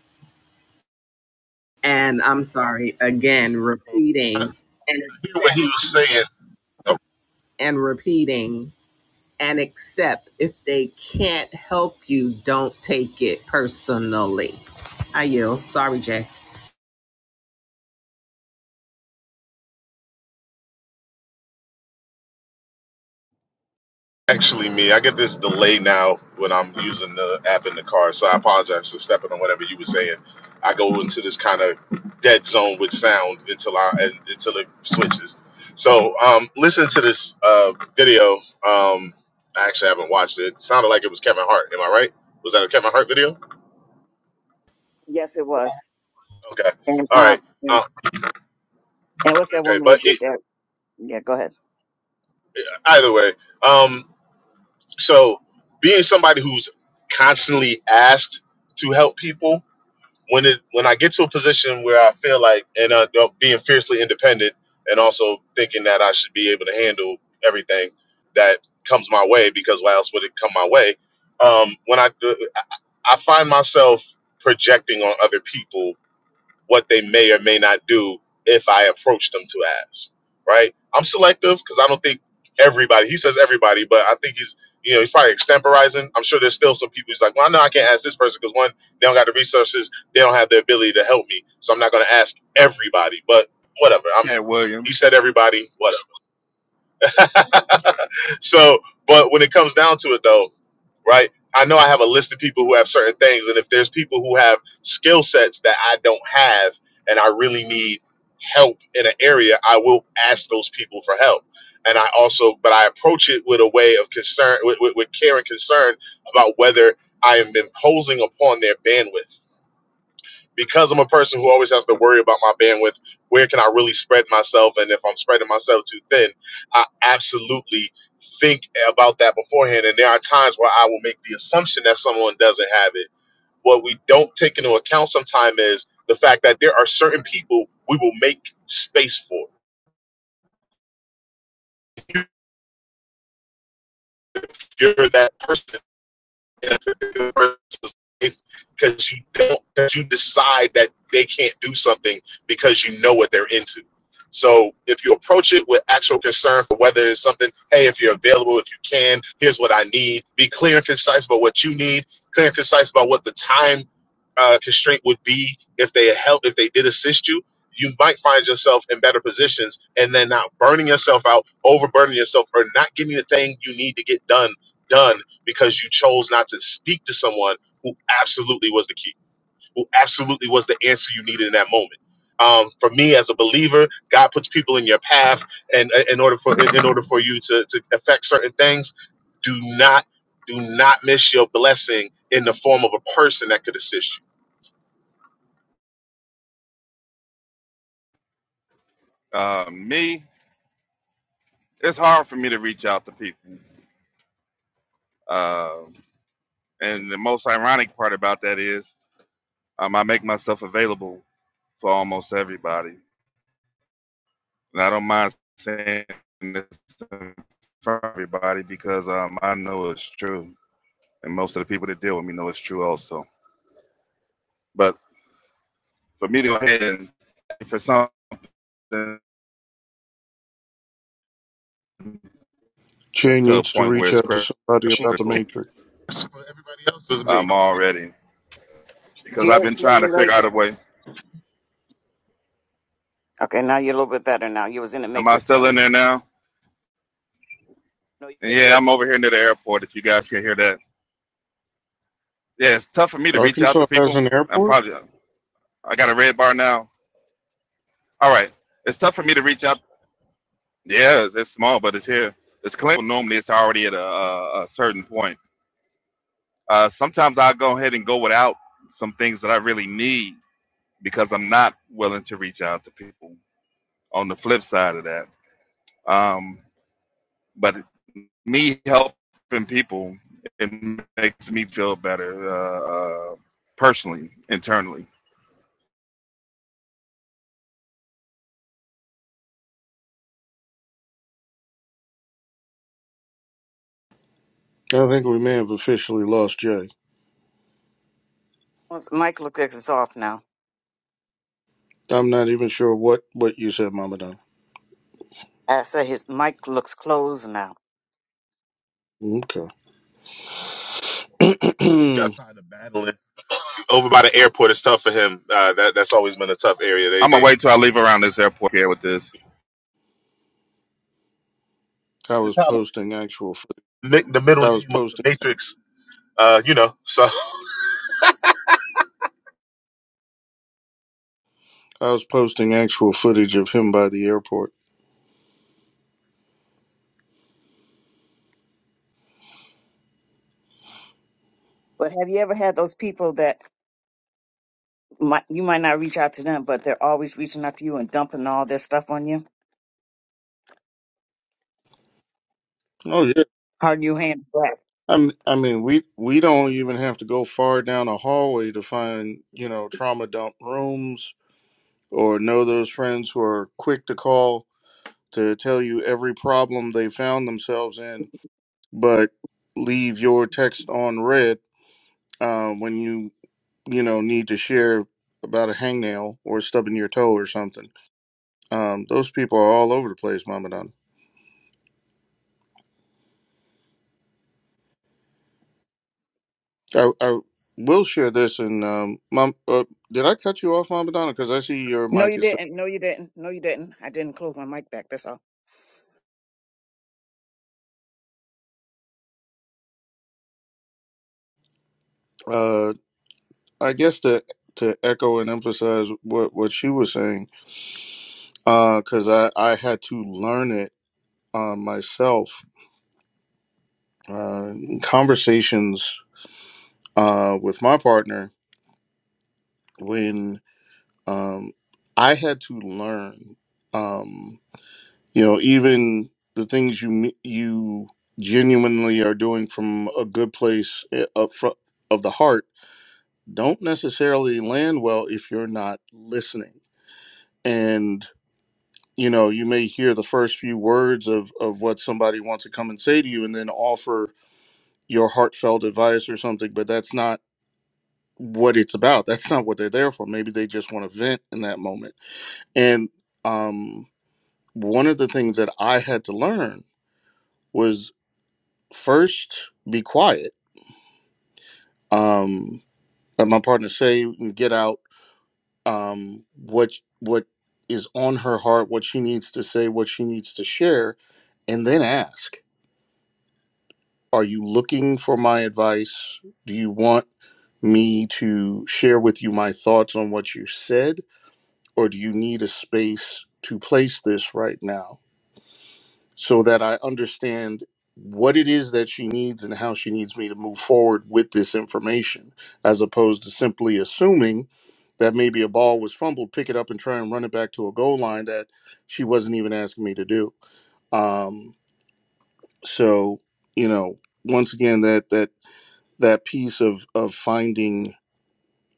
Speaker 9: and I'm sorry again, repeating and
Speaker 4: Hear what he
Speaker 9: accept
Speaker 4: was saying
Speaker 9: and repeating and accept if they can't help you, don't take it personally. I yield. Sorry, Jay.
Speaker 4: actually me. I get this delay now when I'm using the app in the car, so I apologize for stepping on whatever you were saying. I go into this kind of dead zone with sound until I and- until it switches. So um, listen to this uh, video. Um, I actually haven't watched it. It sounded like it was Kevin Hart. Am I right? Was that a Kevin Hart video?
Speaker 1: Yes, it was.
Speaker 4: Okay.
Speaker 1: And
Speaker 4: All
Speaker 1: um,
Speaker 4: right. Uh,
Speaker 1: and what's that
Speaker 4: okay.
Speaker 1: woman that
Speaker 4: But e
Speaker 1: did that? Yeah, go ahead.
Speaker 4: either way, um, so being somebody who's constantly asked to help people when it when I get to a position where I feel like and uh, you know, being fiercely independent and also thinking that I should be able to handle everything that comes my way because why else would it come my way? Um, when I I find myself projecting on other people what they may or may not do if I approach them to ask. Right? I'm selective because I don't think everybody. He says everybody, but I think he's you know he's probably extemporizing. I'm sure there's still some people who's like, well, I know I can't ask this person because one, they don't got the resources, they don't have the ability to help me, so I'm not going to ask everybody. But whatever. I'm
Speaker 5: Cat
Speaker 4: he
Speaker 5: Williams.
Speaker 4: said everybody. Whatever. so, but when it comes down to it, though, right? I know I have a list of people who have certain things, and if there's people who have skill sets that I don't have, and I really need help in an area, I will ask those people for help. And I also, but I approach it with a way of concern, with, with, with care and concern about whether I am imposing upon their bandwidth because I'm a person who always has to worry about my bandwidth, where can I really spread myself? And if I'm spreading myself too thin, I absolutely think about that beforehand. And there are times where I will make the assumption that someone doesn't have it. What we don't take into account sometimes is the fact that there are certain people we will make space for. You're that person if a particular person's life because you don't because you decide that they can't do something because you know what they're into. So if you approach it with actual concern for whether it's something, hey, if you're available, if you can, here's what I need. Be clear and concise about what you need. Clear and concise about what the time uh, constraint would be if they help if they did assist you. You might find yourself in better positions, and then not burning yourself out, overburdening yourself, or not getting the thing you need to get done done because you chose not to speak to someone who absolutely was the key, who absolutely was the answer you needed in that moment. Um, for me, as a believer, God puts people in your path, and uh, in order for in order for you to to affect certain things, do not do not miss your blessing in the form of a person that could assist
Speaker 5: Uh, me, it's hard for me to reach out to people. Uh, and the most ironic part about that is um, I make myself available for almost everybody. And I don't mind saying this in everybody because um, I know it's true. And most of the people that deal with me know it's true also. But for me to go ahead and for something to
Speaker 3: Jay
Speaker 5: a
Speaker 3: needs to
Speaker 5: point where
Speaker 3: reach
Speaker 5: it's
Speaker 3: out to somebody about the
Speaker 5: critical
Speaker 3: Matrix.
Speaker 4: you. For everybody else, it was
Speaker 5: i
Speaker 4: me.
Speaker 5: um, already because I've
Speaker 1: Jared,
Speaker 5: been
Speaker 1: you're in
Speaker 5: trying
Speaker 1: the
Speaker 5: to figure out a
Speaker 1: Matrix.
Speaker 5: way.
Speaker 1: Okay, now you're a little bit better now. You was in the
Speaker 5: Am I
Speaker 1: Matrix for a
Speaker 5: still in
Speaker 1: minute.
Speaker 5: there now?
Speaker 1: No,
Speaker 5: And
Speaker 1: you're good.
Speaker 5: yeah, I'm over here near the airport. If you guys can hear that, yeah, it's tough for me to reach out to
Speaker 3: Arkansas has
Speaker 5: people.
Speaker 3: an
Speaker 5: I'm
Speaker 3: airport?
Speaker 5: probably I got a red bar now. All right, it's tough for me to reach out. Yeah, it's, it's small, but it's here. It's clinical. Normally, it's already at a, a, a certain point. Uh, sometimes I go ahead and go without some things that I really need because I'm not willing to reach out to people. on the flip side of that. Um, but me helping people, it makes me feel better uh, uh, personally, internally.
Speaker 3: I think we may have officially lost Jay.
Speaker 1: His mic looks like it's off now.
Speaker 3: I'm not even sure what, what you said, Mama Don.
Speaker 1: I say his mic looks closed now.
Speaker 3: Okay.
Speaker 4: Got tired of battling over by the airport. It's tough for him. Uh, that that's always been a tough area. They
Speaker 5: I'm gonna wait
Speaker 4: they
Speaker 5: till I leave around this airport here with this.
Speaker 3: I was posting actual.
Speaker 4: the middle
Speaker 3: I was
Speaker 4: name of
Speaker 3: posting.
Speaker 4: the Matrix. Uh, you know, so
Speaker 3: I was posting actual footage of him by the airport.
Speaker 1: But have you ever had those people that might, you might not reach out to them, but they're always reaching out to you and dumping all their stuff on you?
Speaker 3: Oh yeah.
Speaker 1: How do you handle that?
Speaker 3: I mean, I mean, we we don't even have to go far down a hallway to find you know trauma dump rooms or know those friends who are quick to call to tell you every problem they found themselves in, but leave your text on red uh, when you you know need to share about a hangnail or stubbing your toe or something. Um, those people are all over the place, Mama Donna. I, I will share this, and um, Mom, uh, did I cut you off, Mama Donna? Because I see your
Speaker 1: No,
Speaker 3: mic
Speaker 1: you
Speaker 3: is.
Speaker 1: didn't. No, you didn't. No, you didn't. I didn't close my mic back. That's all.
Speaker 3: uh, I guess to to echo and emphasize what what she was saying, because I I had to learn it uh, myself. Uh, in conversations uh, with my partner when um, I had to learn. Um, you know even the things you you genuinely are doing from a good place eh, up front of the heart don't necessarily land well if you're not listening and you know you may hear the first few words of of what somebody wants to come and say to you and then offer your heartfelt advice or something but that's not what it's about that's not what they're there for maybe they just want to vent in that moment and um one of the things that i had to learn was first be quiet um let my partner say and get out um what what is on her heart what she needs to say what she needs to share and then ask are you looking for my advice do you want me to share with you my thoughts on what you said or do you need a space to place this right now so that I understand what it is that she needs and how she needs me to move forward with this information, as opposed to simply assuming that maybe a ball was fumbled, pick it up and try and run it back to a goal line that she wasn't even asking me to do. Um, so, you know, once again, that that that piece of of finding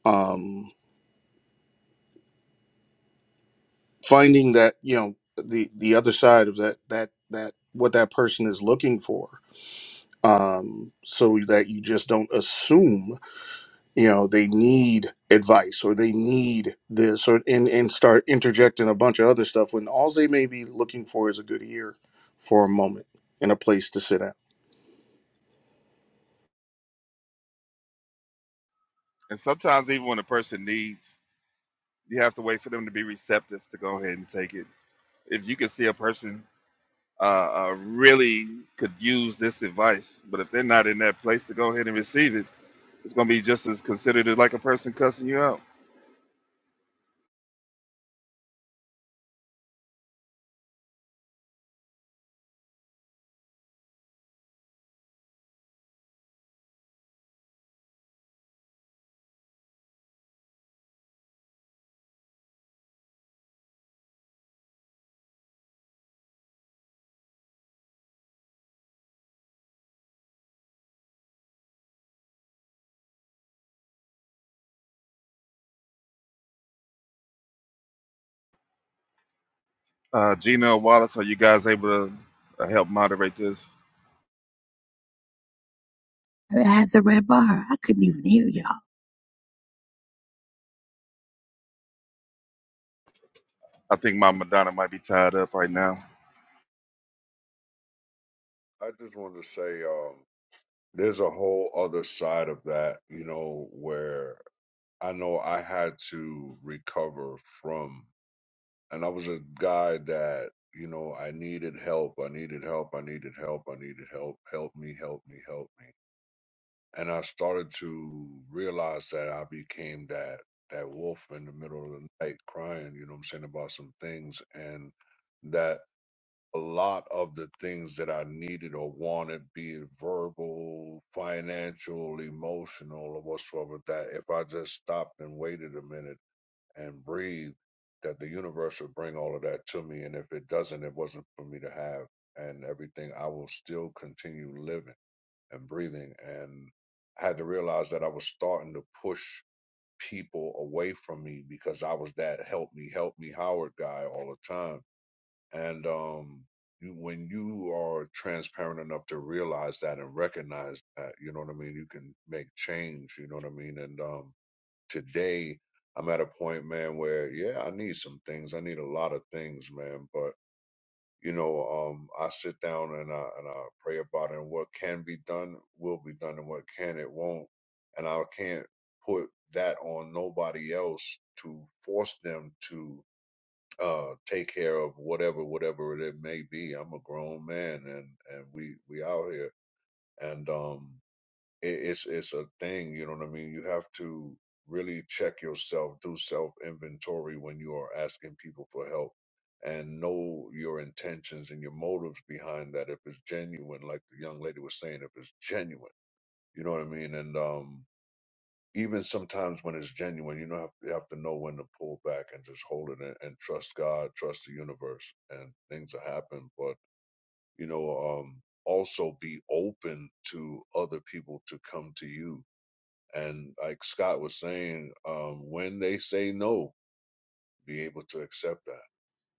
Speaker 3: um, finding that you know the the other side of that that that what that person is looking for um, so that you just don't assume you know they need advice or they need this or and, and start interjecting a bunch of other stuff when all they may be looking for is a good ear for a moment and a place to sit at.
Speaker 5: And sometimes, even when a person needs, you have to wait for them to be receptive to go ahead and take it. If you can see a person uh, uh, really could use this advice, but if they're not in that place to go ahead and receive it, it's gonna be just as considered as like a person cussing you out. Uh, Gina Wallace, are you guys able to uh, help moderate this?
Speaker 2: I have the red bar. I couldn't even hear y'all.
Speaker 5: I think my Madonna might be tied up right now.
Speaker 8: I just wanted to say, um, there's a whole other side of that, you know, where I know I had to recover from. And I was a guy that, you know, I needed help. I needed help. I needed help. I needed help. Help me, help me, help me. And I started to realize that I became that that wolf in the middle of the night crying, you know what I'm saying, about some things and that a lot of the things that I needed or wanted, be it verbal, financial, emotional, or whatsoever, that if I just stopped and waited a minute and breathe that the universe will bring all of that to me. And if it doesn't, it wasn't for me to have and everything. I will still continue living and breathing. And I had to realize that I was starting to push people away from me because I was that help me, help me Howard guy all the time. And um you, when you are transparent enough to realize that and recognize that, you know what I mean, you can make change, you know what I mean? And um today I'm at a point, man, where yeah, I need some things. I need a lot of things, man. But you know, um, I sit down and I and I pray about it. And what can be done will be done, and what can it won't. And I can't put that on nobody else to force them to uh take care of whatever whatever it may be i'm a grown man and and we we out here and um it, it's it's a thing you know what i mean you have to really check yourself do self inventory when you are asking people for help and know your intentions and your motives behind that if it's genuine like the young lady was saying if it's genuine you know what i mean and um even sometimes when it's genuine you know have, you have to know when to pull back and just hold it and, and trust god trust the universe and things will happen but you know um also be open to other people to come to you and like Scott was saying, um, when they say no, be able to accept that.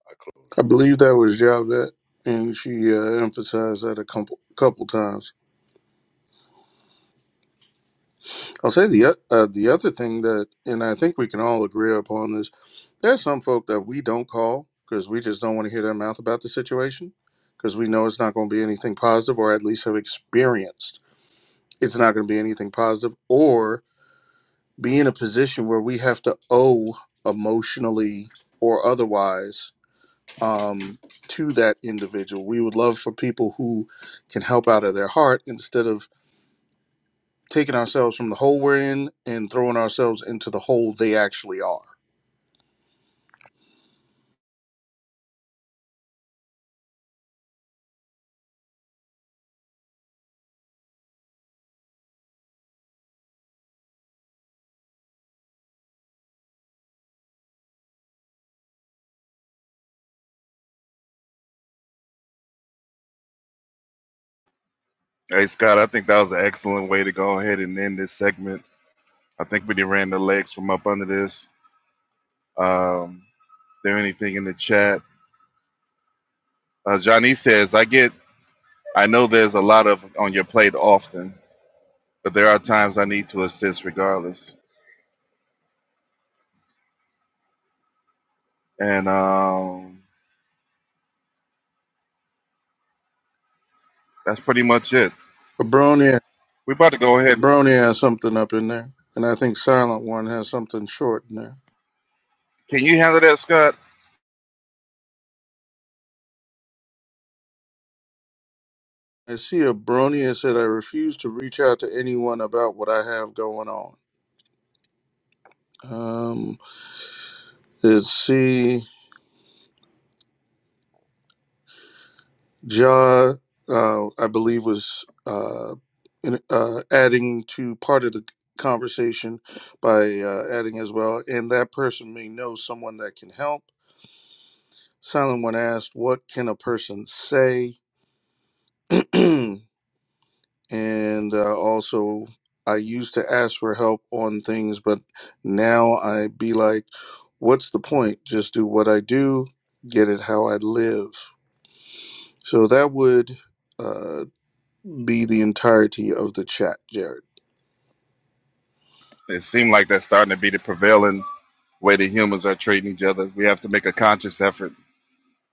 Speaker 8: I close.
Speaker 3: I believe that was Javette, and she uh, emphasized that a couple couple times. I'll say the o- uh, the other thing that, and I think we can all agree upon this There's some folk that we don't call because we just don't want to hear their mouth about the situation because we know it's not going to be anything positive or at least have experienced it's not going to be anything positive or be in a position where we have to owe emotionally or otherwise um, to that individual. We would love for people who can help out of their heart instead of taking ourselves from the hole we're in and throwing ourselves into the hole they actually are.
Speaker 5: Hey, Scott, I think that was an excellent way to go ahead and end this segment. I think we done ran the legs from up under this. Um, is there anything in the chat? Uh, Johnny says, I get, I know there's a lot of on your plate often, but there are times I need to assist regardless. And um, that's pretty much it.
Speaker 3: But Bron,
Speaker 5: We're about to go ahead.
Speaker 3: Brony has something up in there, and I think Silent One has something short in there.
Speaker 5: Can you handle that, Scott?
Speaker 3: I see a Brony that said, I refuse to reach out to anyone about what I have going on. Um, let's see, Ja, uh, I believe, was uh, in, uh, adding to part of the conversation by uh, adding as well, and that person may know someone that can help. Silent One asked, What can a person say? and uh, also I used to ask for help on things, but now I be like, what's the point? Just do what I do, get it how I live. So that would uh, be the entirety of the chat, Jared.
Speaker 5: It seemed like that's starting to be the prevailing way the humans are treating each other. We have to make a conscious effort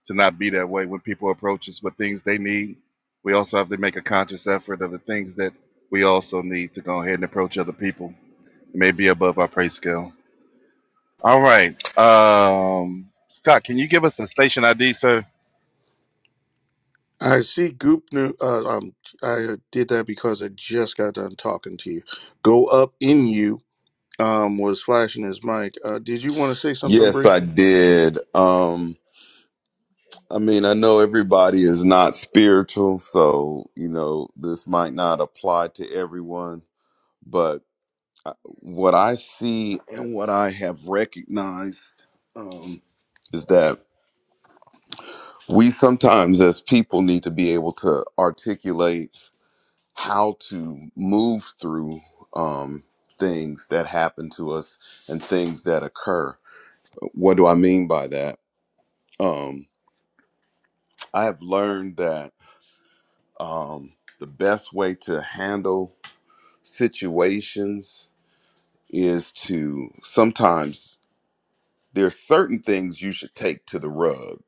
Speaker 5: to not be that way when people approach us with things they need. We also have to make a conscious effort of the things that we also need to go ahead and approach other people. It may be above our pay scale. All right. Um, Scott, can you give us a station ID, sir?
Speaker 3: I see Goop New. Uh, um, I did that because I just got done talking to you. Go up in you um, was flashing his mic. Uh, did you want to say something
Speaker 10: Yes, I
Speaker 3: briefly?
Speaker 10: did. Um, I mean, I know everybody is not spiritual, so you know this might not apply to everyone. But I- what I see and what I have recognized um, is that we sometimes, as people, need to be able to articulate how to move through um, things that happen to us and things that occur. What do I mean by that? Um, I have learned that. um, the best way to handle situations is to sometimes there's certain things you should take to the rug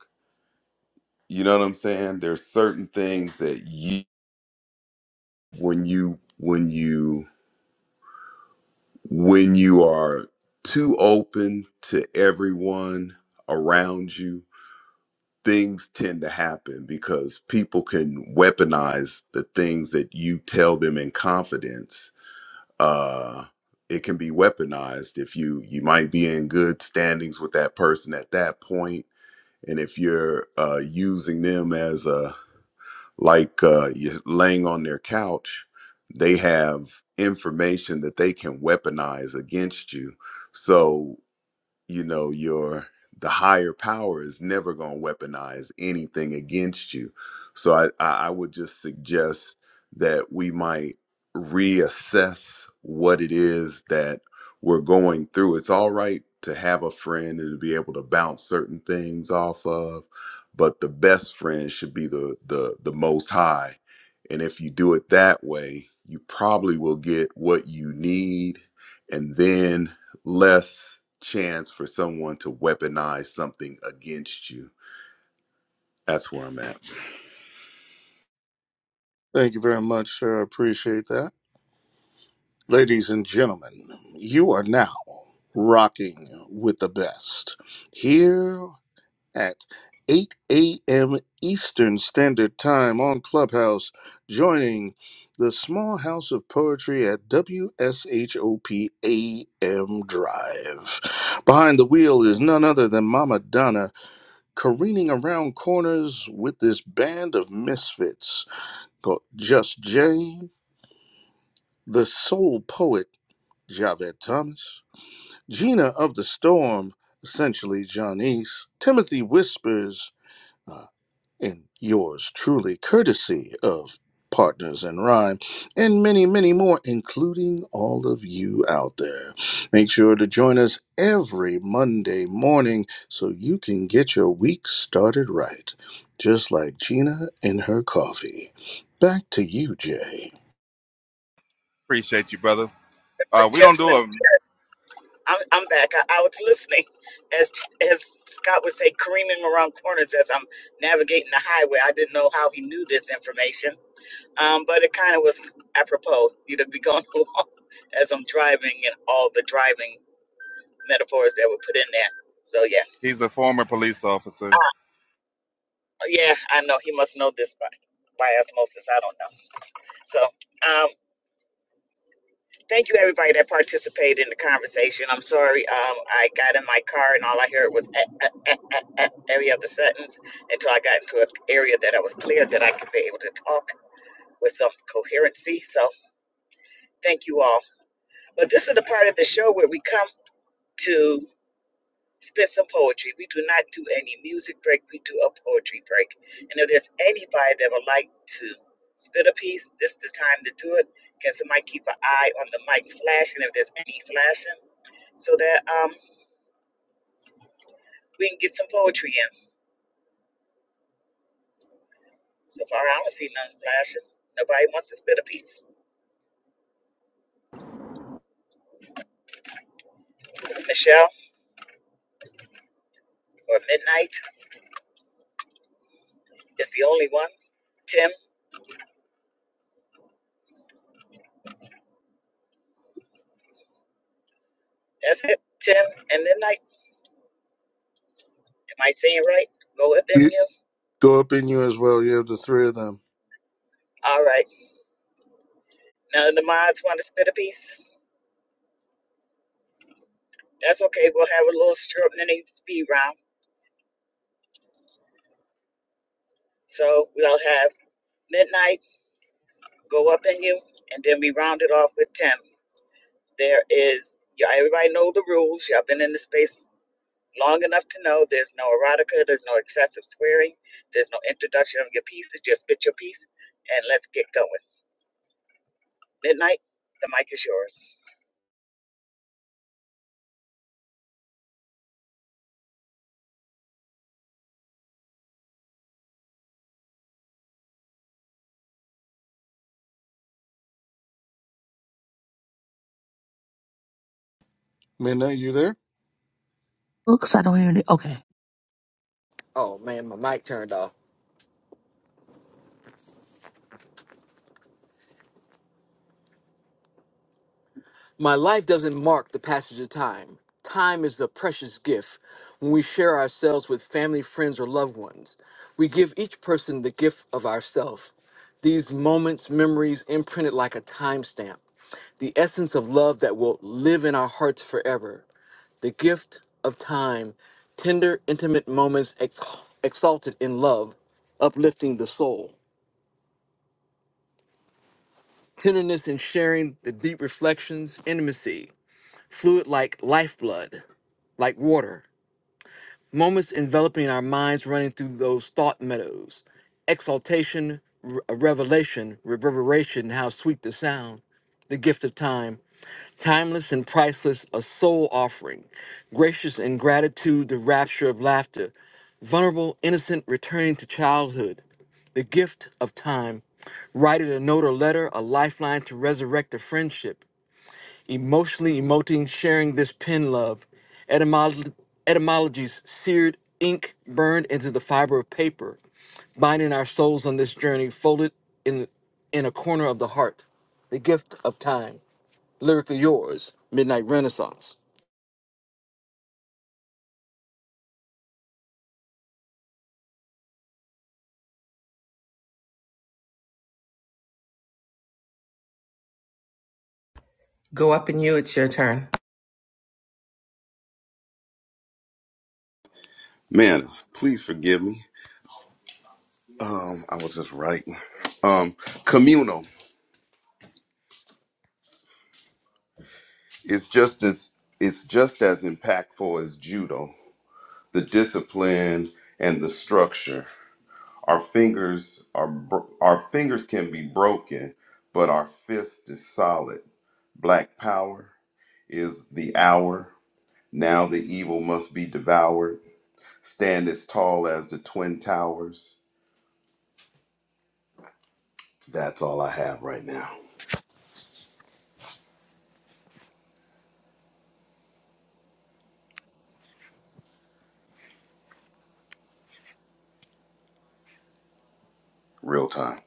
Speaker 10: you know what i'm saying there's certain things that you when you when you when you are too open to everyone around you things tend to happen because people can weaponize the things that you tell them in confidence uh it can be weaponized if you you might be in good standings with that person at that point and if you're uh using them as a like uh you're laying on their couch they have information that they can weaponize against you so you know your the higher power is never going to weaponize anything against you so I, I i would just suggest that we might reassess what it is that we're going through it's all right to have a friend and to be able to bounce certain things off of but the best friend should be the the the most high and if you do it that way you probably will get what you need and then less chance for someone to weaponize something against you. That's where I'm at.
Speaker 3: Thank you very much, sir. I appreciate that. Ladies and gentlemen, you are now rocking with the best here at 8 a.m. Eastern Standard Time on Clubhouse, joining the small house of poetry at W S H O P A M Drive. Behind the wheel is none other than Mama Donna careening around corners with this band of misfits called Just Jay, the soul poet Javed Thomas Gina of the Storm, essentially Janice, Timothy whispers, uh, in yours truly, courtesy of Partners in Rhyme, and many, many more, including all of you out there. Make sure to join us every Monday morning so you can get your week started right, just like Gina and her coffee. Back to you, Jay.
Speaker 5: Appreciate you, brother. Uh, we don't do him.
Speaker 1: I'm, I'm back. I, I was listening as as Scott would say, careening around corners as I'm navigating the highway. I didn't know how he knew this information, um, but it kind of was apropos. You'd be going along as I'm driving and all the driving metaphors that were put in there. So yeah,
Speaker 5: He's a former police officer.
Speaker 1: Uh, yeah, I know he must know this by by osmosis. I don't know. So um, Thank you, everybody that participated in the conversation. I'm sorry, um, I got in my car and all I heard was eh, eh, eh, eh, eh, every other sentence until I got into an area that I was clear that I could be able to talk with some coherency. So thank you all. But this is the part of the show where we come to spit some poetry. We do not do any music break. We do a poetry break. And if there's anybody that would like to spit a piece, this is the time to do it. Can somebody keep an eye on the mics flashing if there's any flashing? so that um, we can get some poetry in. So far, I don't see none flashing. Nobody wants to spit a piece. Michelle or Midnight is the only one. Tim, that's it. Tim and Midnight. Am I saying right? Go up
Speaker 3: You-
Speaker 1: in you.
Speaker 3: Go up in you as well. You have the three of them.
Speaker 1: All right. None of the mods want to spit a piece. That's okay. We'll have a little short mini speed round. So we'll have Midnight go up in you, and then we round it off with Tim. There is. Yeah, everybody know the rules. Y'all been in the space long enough to know there's no erotica, there's no excessive swearing, there's no introduction of your piece. It's just spit your piece and let's get going. Midnight, the mic is yours.
Speaker 3: Midnight, you there?
Speaker 2: Looks, I don't hear any. Okay.
Speaker 11: Oh man, my mic turned off. My life doesn't mark the passage of time. Time is the precious gift when we share ourselves with family, friends, or loved ones. We give each person the gift of ourself. These moments, memories imprinted like a timestamp, the essence of love that will live in our hearts forever. The gift of time, tender, intimate moments ex- exalted in love, uplifting the soul. Tenderness in sharing the deep reflections, intimacy fluid like lifeblood, like water. Moments enveloping our minds running through those thought meadows. Exaltation, re- revelation, reverberation, how sweet the sound. The gift of time, timeless and priceless, a soul offering. Gracious in gratitude, the rapture of laughter. Vulnerable, innocent, returning to childhood. The gift of time. Write it a note or letter, a lifeline to resurrect a friendship emotionally emoting, sharing this pen love. Etymolo- etymologies, seared ink burned into the fiber of paper, binding our souls on this journey, folded in in a corner of the heart. The gift of time, lyrically yours, Midnight Renaissance.
Speaker 10: Man, please forgive me. Um, I was just writing. Um, communal is just as it's just as impactful as judo. The discipline and the structure. Our fingers are bro- our fingers can be broken, but our fist is solid. Black power is the hour. Now the evil must be devoured Stand as tall as the Twin Towers. That's all I have right now. Real time.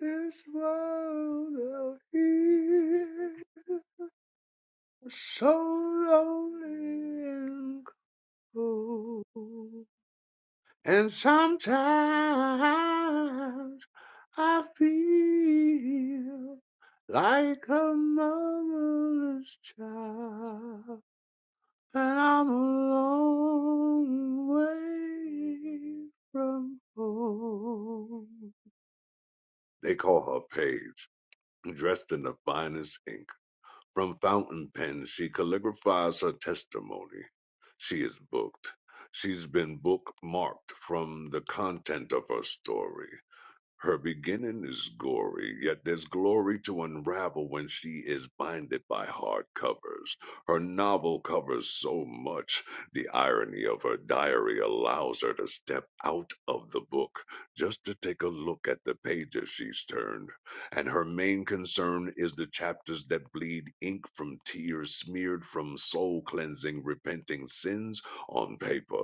Speaker 8: This world out here is so lonely and cold. And sometimes I feel like a motherless child. And I'm a long way from home. They call her Paige, dressed in the finest ink. From fountain pens, she calligraphies her testimony. She is booked. She's been bookmarked from the content of her story. Her beginning is gory, yet there's glory to unravel when she is binded by hard covers. Her novel covers so much, the irony of her diary allows her to step out of the book just to take a look at the pages she's turned. And her main concern is the chapters that bleed ink from tears smeared from soul cleansing, repenting sins on paper.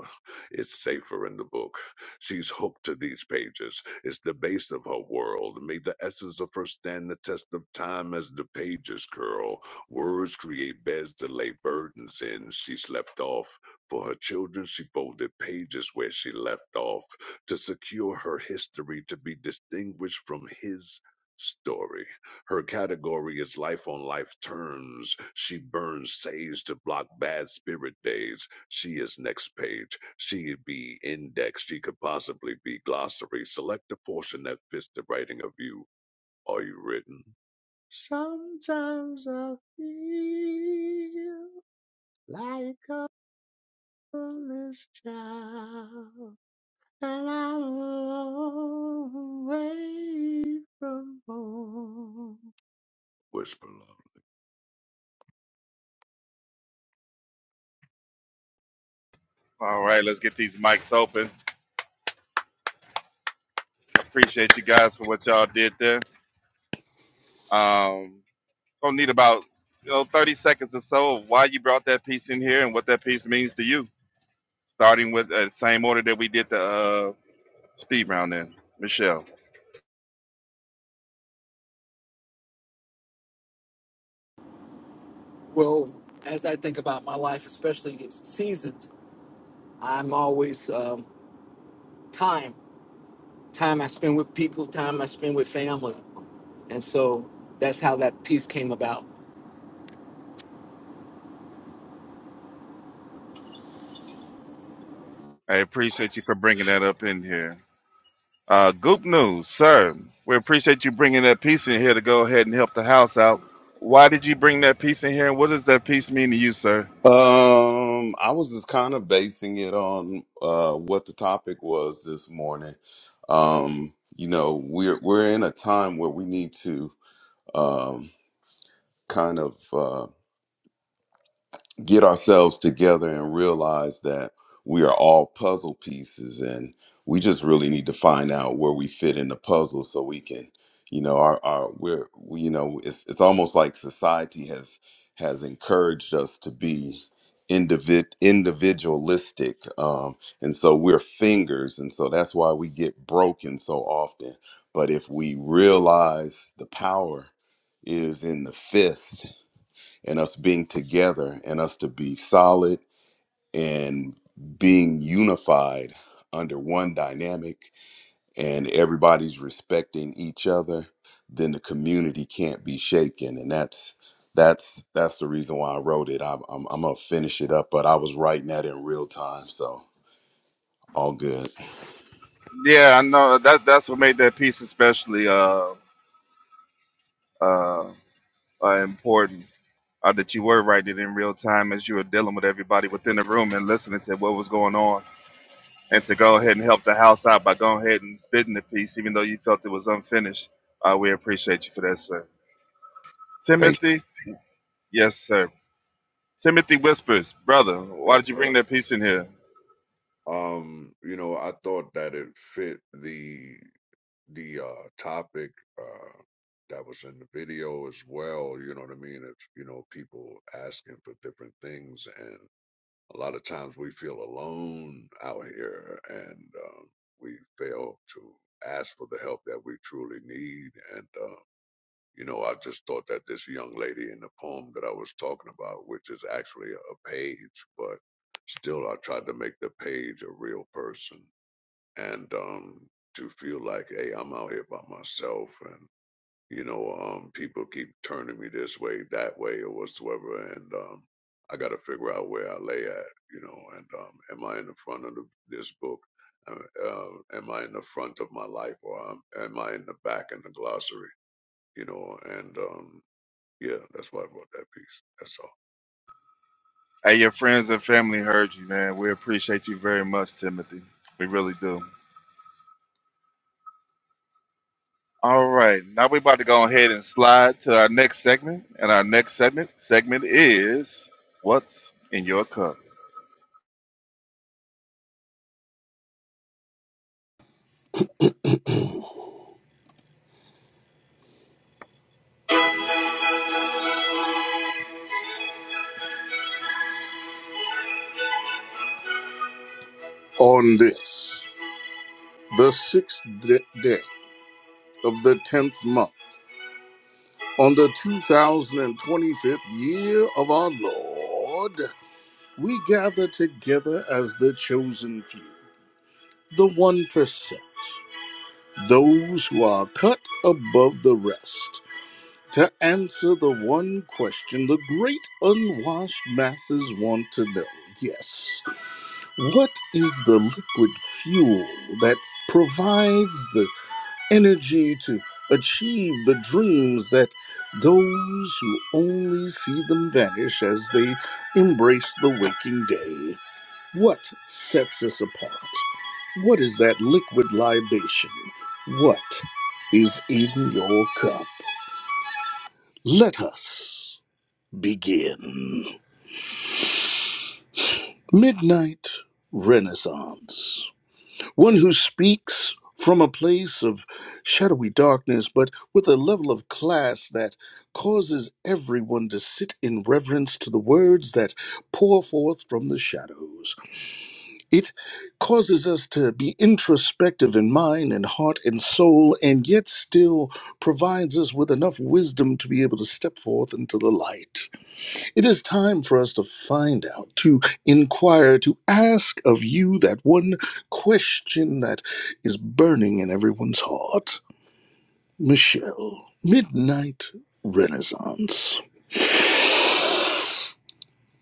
Speaker 8: It's safer in the book. She's hooked to these pages it's the base of her world. May the essence of her stand the test of time as the pages curl. Words create beds to lay burdens in. She slept off. For her children, she folded pages where she left off to secure her history to be distinguished from his story. Her category is life on life terms. She burns sage to block bad spirit days. She is next page. She would be index. She could possibly be glossary. Select a portion that fits the writing of you. Are you written? Sometimes I feel like a foolish child, and I'm a away from home. Whisper, love.
Speaker 5: All right, let's get these mics open. Appreciate you guys for what y'all did there. Um, gonna need about you know 30 seconds or so of why you brought that piece in here and what that piece means to you starting with uh, the same order that we did the uh, speed round in michelle
Speaker 11: Well, as I think about my life, especially it's seasoned, I'm always um, time. Time I spend with people, time I spend with family, and so that's how that piece came about.
Speaker 5: i appreciate you for bringing that up in here uh, goop news sir we appreciate you bringing that piece in here to go ahead and help the house out why did you bring that piece in here and what does that piece mean to you sir
Speaker 10: Um, I was just kind of basing it on uh what the topic was this morning. Um, you know, we're we're in a time where we need to um kind of uh, get ourselves together and realize that we are all puzzle pieces and we just really need to find out where we fit in the puzzle so we can you know our, our we're we, you know it's, it's almost like society has has encouraged us to be individ, individualistic um, and so we're fingers and so that's why we get broken so often but if we realize the power is in the fist and us being together and us to be solid and being unified under one dynamic and everybody's respecting each other then the community can't be shaken and that's that's that's the reason why i wrote it i'm, I'm, I'm gonna finish it up but i was writing that in real time so all good
Speaker 5: yeah i know that that's what made that piece especially uh, uh, uh important uh, that you were writing it in real time as you were dealing with everybody within the room and listening to what was going on, and to go ahead and help the house out by going ahead and spitting the piece, even though you felt it was unfinished. Uh, we appreciate you for that, sir.
Speaker 10: thank
Speaker 5: Timothy, yes, sir. Timothy whispers, brother, why
Speaker 8: Yes,
Speaker 5: did you bring
Speaker 8: sir.
Speaker 5: that piece in here?
Speaker 8: Um, you know, I thought that it fit the the uh topic uh that was in the video as well, you know what I mean? It's you know, people asking for different things and a lot of times we feel alone out here and um we fail to ask for the help that we truly need and uh you know, I just thought that this young lady in the poem that I was talking about, which is actually a page, but still I tried to make the page a real person and um to feel like hey i'm out here by myself and you know um people keep turning me this way that way or whatsoever and um i gotta figure out where i lay at you know and um am i in the front of the, this book uh, uh, am i in the front of my life or am, am i in the back in the glossary you know and um yeah that's why i wrote that piece that's all
Speaker 5: Hey, your friends and family heard you, man. We appreciate you very much, Timothy. We really do. All right, now we're about to go ahead and slide to our next segment, and our next segment segment is what's in your cup.
Speaker 3: On this. the sixth day of the tenth month, on the 2025th year of our Lord, we gather together as the chosen few, the 1%, those who are cut above the rest, to answer the one question the great unwashed masses want to know. Yes, what is the liquid fuel that provides the energy to achieve the dreams that those who only see them vanish as they embrace the waking day. What sets us apart? What is that liquid libation? What is in your cup? Let us begin. Midnight Renaissance. one who speaks from a place of shadowy darkness, but with a level of class that causes everyone to sit in reverence to the words that pour forth from the shadows. It causes us to be introspective in mind and heart and soul, and yet still provides us with enough wisdom to be able to step forth into the light. It is time for us to find out, to inquire, to ask of you that one question that is burning in everyone's heart. Michelle, Midnight Renaissance,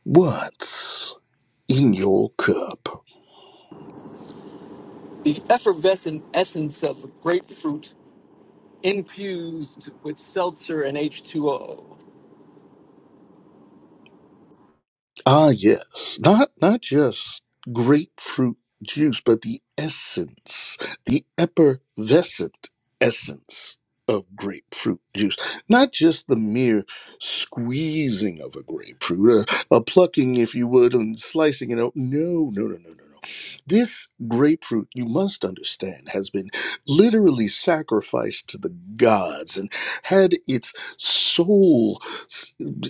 Speaker 3: what's in your cup?
Speaker 11: the effervescent essence of grapefruit infused with seltzer and H2O.
Speaker 3: Ah, yes. Not not just grapefruit juice, but the essence, the effervescent essence of grapefruit juice. Not just the mere squeezing of a grapefruit, a, a plucking, if you would, and slicing it out. No, no, no, no, no, no. This grapefruit, you must understand, has been literally sacrificed to the gods and had its soul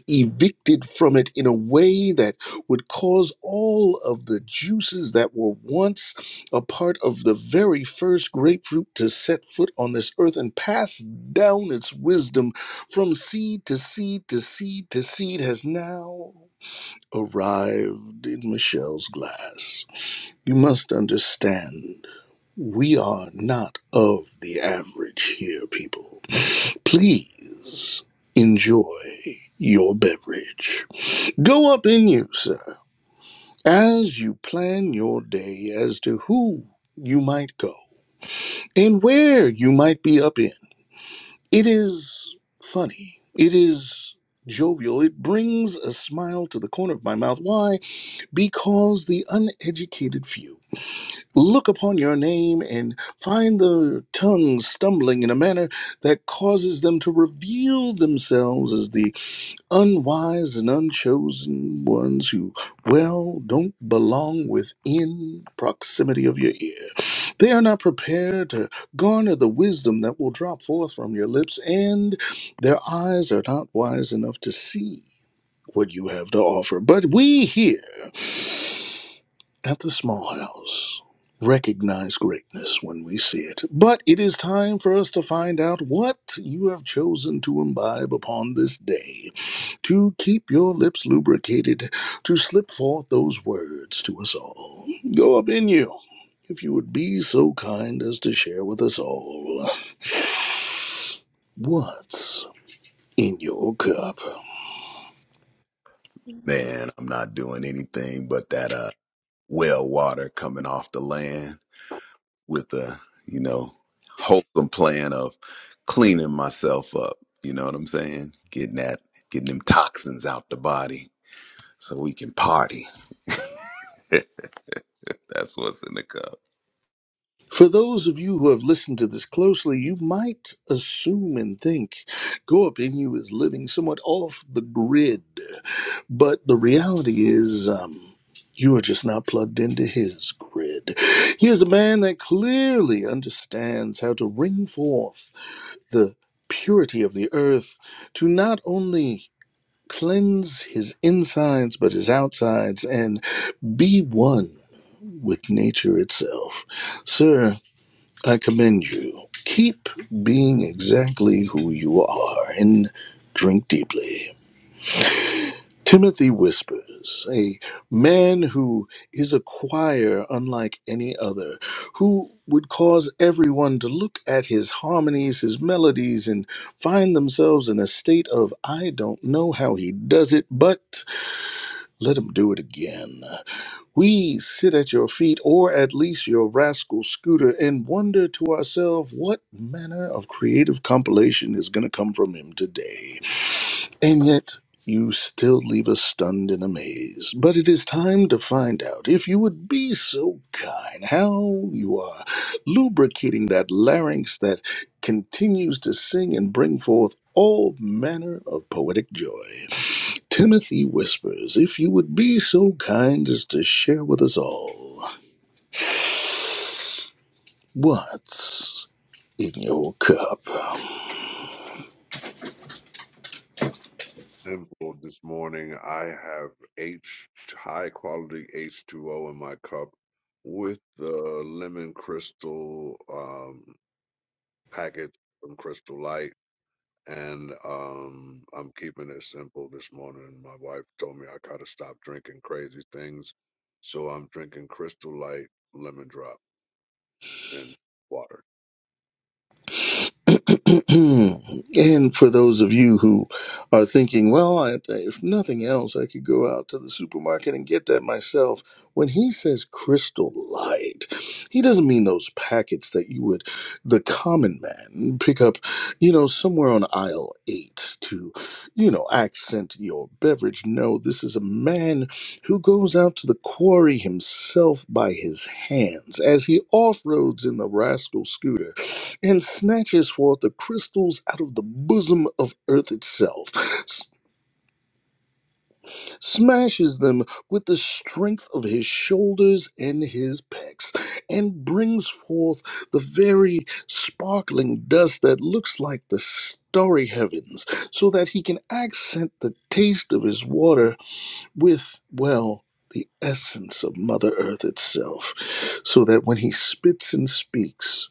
Speaker 3: evicted from it in a way that would cause all of the juices that were once a part of the very first grapefruit to set foot on this earth and pass down its wisdom from seed to seed to seed to seed has now arrived in Michelle's glass. You must understand, we are not of the average here, people. Please enjoy your beverage. Go up in you, sir, as you plan your day as to who you might go and where you might be up in. It is funny. It is jovial. It brings a smile to the corner of my mouth. Why? Because the uneducated few look upon your name and find their tongues stumbling in a manner that causes them to reveal themselves as the unwise and unchosen ones who, well, don't belong within proximity of your ear. They are not prepared to garner the wisdom that will drop forth from your lips, and their eyes are not wise enough to see what you have to offer. But we here, at the small house recognize greatness when we see it. But it is time for us to find out what you have chosen to imbibe upon this day, to keep your lips lubricated, to slip forth those words to us all. Go up in you, if you would be so kind as to share with us all what's in your cup.
Speaker 10: you man i'm not doing anything but that uh well water coming off the land with a you know wholesome plan of cleaning myself up you know what i'm saying getting that getting them toxins out the body so we can party that's what's in the cup
Speaker 3: For those of you who have listened to this closely, you might assume and think Go Inu is living somewhat off the grid, but the reality is um, you are just not plugged into his grid. He is a man that clearly understands how to bring forth the purity of the earth to not only cleanse his insides but his outsides and be one with nature itself. Sir, I commend you. Keep being exactly who you are and drink deeply. Timothy Whispers, a man who is a choir unlike any other, who would cause everyone to look at his harmonies, his melodies, and find themselves in a state of, I don't know how he does it, but let him do it again. We sit at your feet, or at least your rascal scooter, and wonder to ourselves what manner of creative compilation is going to come from him today. And yet, you still leave us stunned and amazed. But it is time to find out, if you would be so kind, how you are lubricating that larynx that continues to sing and bring forth all manner of poetic joy. Timothy whispers, if you would be so kind as to share with us all what's in your cup.
Speaker 8: simple this morning. I have H high quality H2O in my cup with the lemon crystal um, packet from Crystal Light, and um, I'm keeping it simple this morning. My wife told me I gotta stop drinking crazy things, so I'm drinking Crystal Light lemon drop and water.
Speaker 3: and for those of you who are thinking, well, I, if nothing else, I could go out to the supermarket and get that myself. When he says crystal light, he doesn't mean those packets that you would, the common man, pick up, you know, somewhere on aisle eight to, you know, accent your beverage. No, this is a man who goes out to the quarry himself by his hands as he off roads in the rascal scooter and snatches forth the crystals out of the bosom of earth itself, s- smashes them with the strength of his shoulders and his pecs, and brings forth the very sparkling dust that looks like the starry heavens, so that he can accent the taste of his water with, well, the essence of Mother Earth itself, so that when he spits and speaks,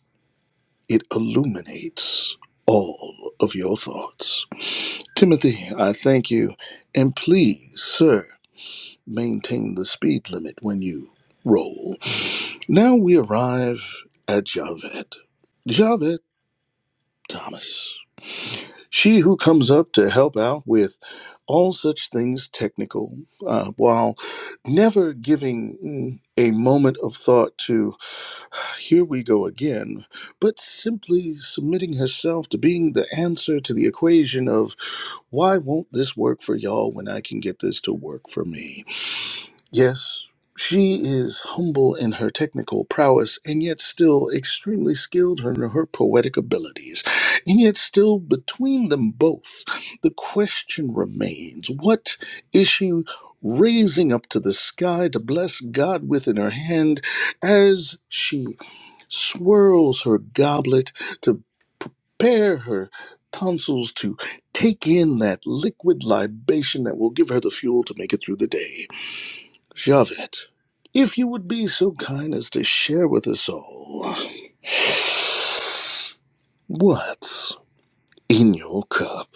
Speaker 3: it illuminates all of your thoughts. Timothy, I thank you. And please, sir, maintain the speed limit when you roll. Now we arrive at Javed. Javed Thomas. She who comes up to help out with all such things technical, uh, while never giving mm, a moment of thought to Here we go again, but simply submitting herself to being the answer to the equation of why won't this work for y'all when I can get this to work for me? Yes, she is humble in her technical prowess and yet still extremely skilled in her poetic abilities. And yet, still between them both, the question remains what is she? Raising up to the sky to bless God with in her hand as she swirls her goblet to prepare her tonsils to take in that liquid libation that will give her the fuel to make it through the day. Javet, if you would be so kind as to share with us all what's in your cup.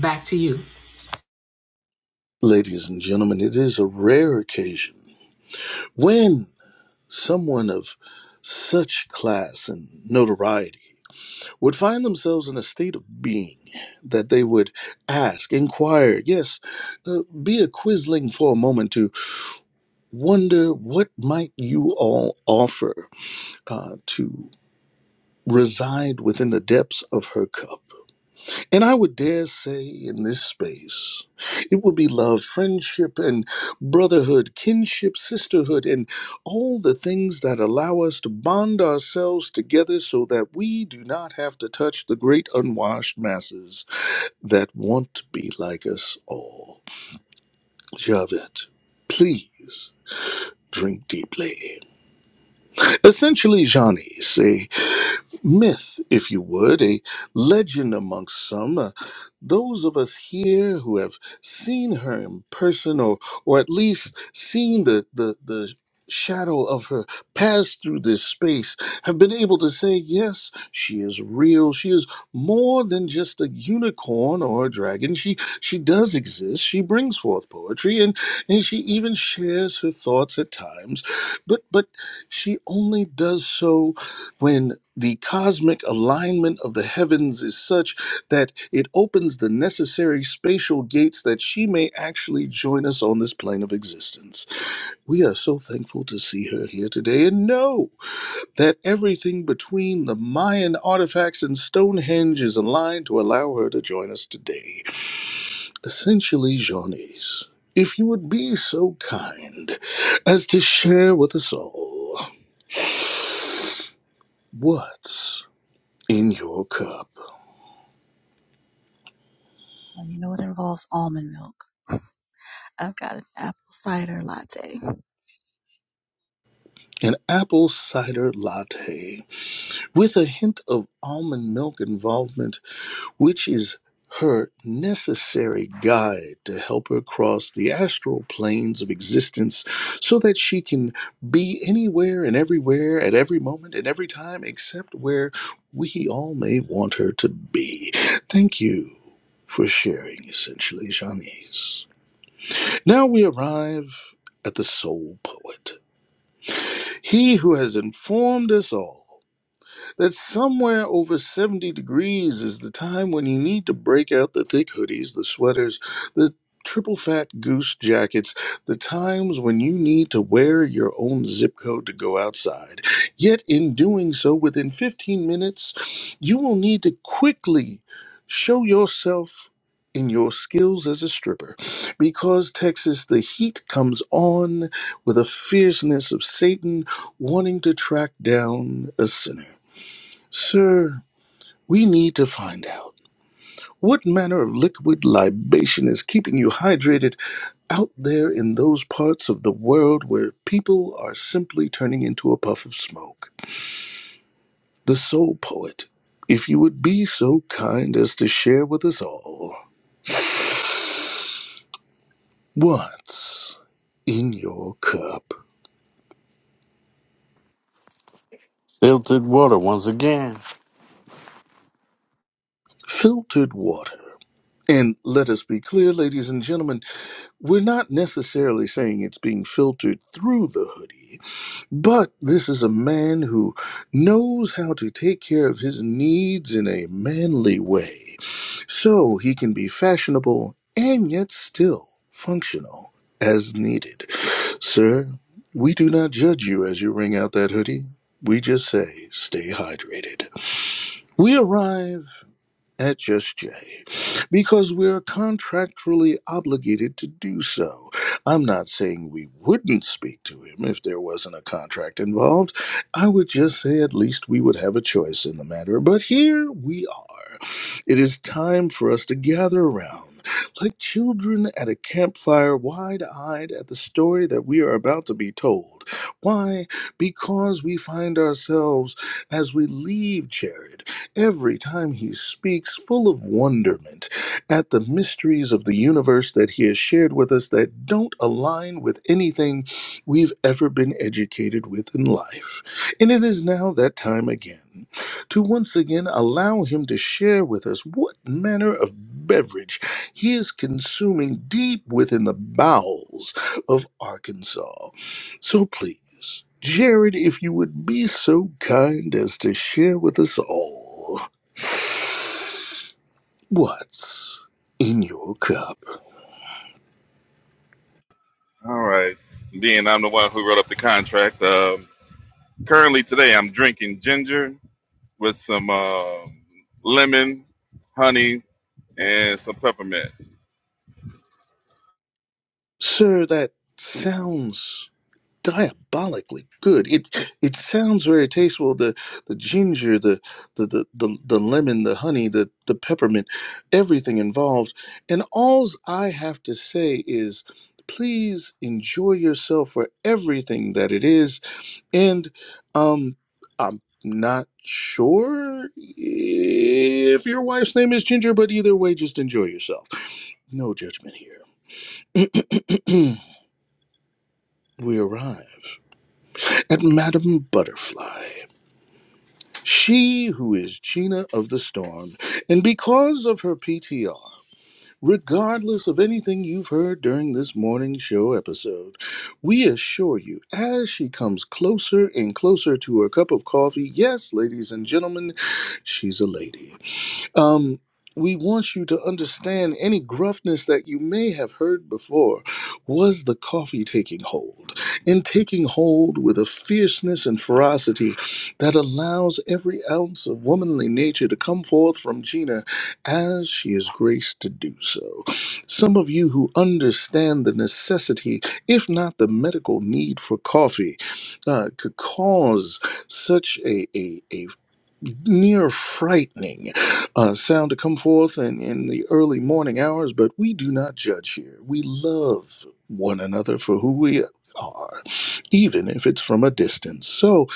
Speaker 9: Back to you.
Speaker 3: Ladies and gentlemen, it is a rare occasion when someone of such class and notoriety would find themselves in a state of being that they would ask, inquire, yes, uh, be a quizzling for a moment to wonder what might you all offer uh, to reside within the depths of her cup. And I would dare say in this space, it would be love, friendship, and brotherhood, kinship, sisterhood, and all the things that allow us to bond ourselves together so that we do not have to touch the great unwashed masses that want to be like us all. Javed, please drink deeply. Essentially, Johnny, says. myth, if you would, a legend amongst some. Uh, those of us here who have seen her in person or, or at least seen the, the, the shadow of her pass through this space have been able to say, yes, she is real. She is more than just a unicorn or a dragon. She, she does exist. She brings forth poetry and, and she even shares her thoughts at times. But, but she only does so when the cosmic alignment of the heavens is such that it opens the necessary spatial gates that she may actually join us on this plane of existence. We are so thankful to see her here today and know that everything between the Mayan artifacts and Stonehenge is aligned to allow her to join us today. Essentially, Johnny's, if you would be so kind as to share with us all what's in your cup.
Speaker 7: Well, you know it involves almond milk. I've got an apple cider latte.
Speaker 3: an apple cider latte with a hint of almond milk involvement, which is her necessary guide to help her cross the astral planes of existence so that she can be anywhere and everywhere at every moment and every time except where we all may want her to be. Thank you for sharing, essentially, Janice. Now we arrive at the soul poet, he who has informed us all that somewhere over 70 degrees is the time when you need to break out the thick hoodies, the sweaters, the triple fat goose jackets, the times when you need to wear your own zip code to go outside. Yet, in doing so, within 15 minutes, you will need to quickly show yourself. In your skills as a stripper, because Texas, the heat comes on with a fierceness of Satan wanting to track down a sinner. Sir, we need to find out what manner of liquid libation is keeping you hydrated out there in those parts of the world where people are simply turning into a puff of smoke. The soul poet, if you would be so kind as to share with us all what's in your cup,
Speaker 6: Filtered water once again.
Speaker 3: filtered water. And let us be clear, ladies and gentlemen, we're not necessarily saying it's being filtered through the hoodie But this is a man who knows how to take care of his needs in a manly way. So he can be fashionable and yet still functional as needed. Sir, we do not judge you as you wring out that hoodie. We just say, stay hydrated. We arrive at Just Jay because we're contractually obligated to do so. I'm not saying we wouldn't speak to him if there wasn't a contract involved. I would just say at least we would have a choice in the matter. But here we are. It is time for us to gather around. Like children at a campfire, wide eyed at the story that we are about to be told. Why? Because we find ourselves as we leave Jared every time he speaks, full of wonderment at the mysteries of the universe that he has shared with us that don't align with anything we've ever been educated with in life. And it is now that time again to once again allow him to share with us what manner of beverage he is consuming deep within the bowels of Arkansas. So please, Jared, if you would be so kind as to share with us all what's in your cup.
Speaker 5: All right. Being I'm the one who wrote up the contract. Um, currently today, I'm drinking ginger with some um lemon, honey, and some peppermint.
Speaker 3: Sir, that sounds diabolically good. It it sounds very tasteful. The the ginger, the the the, the, the lemon, the honey, the, the peppermint, everything involved. And alls I have to say is please enjoy yourself for everything that it is And um, I'm not sure if your wife's name is Ginger, but either way, just enjoy yourself. No judgment here. we arrive at Madame Butterfly, she who is Gina of the Storm, and because of her PTR. regardless of anything you've heard during this morning show episode. We assure you, as she comes closer and closer to her cup of coffee, yes, ladies and gentlemen, she's a lady. Um, we want you to understand any gruffness that you may have heard before was the coffee taking hold, and taking hold with a fierceness and ferocity that allows every ounce of womanly nature to come forth from Gina as she is graced to do so. Some of you who understand the necessity, if not the medical need for coffee, uh, could cause such a, a, a near frightening uh, sound to come forth in, in the early morning hours, but we do not judge here. We love one another for who we are, even if it's from a distance. So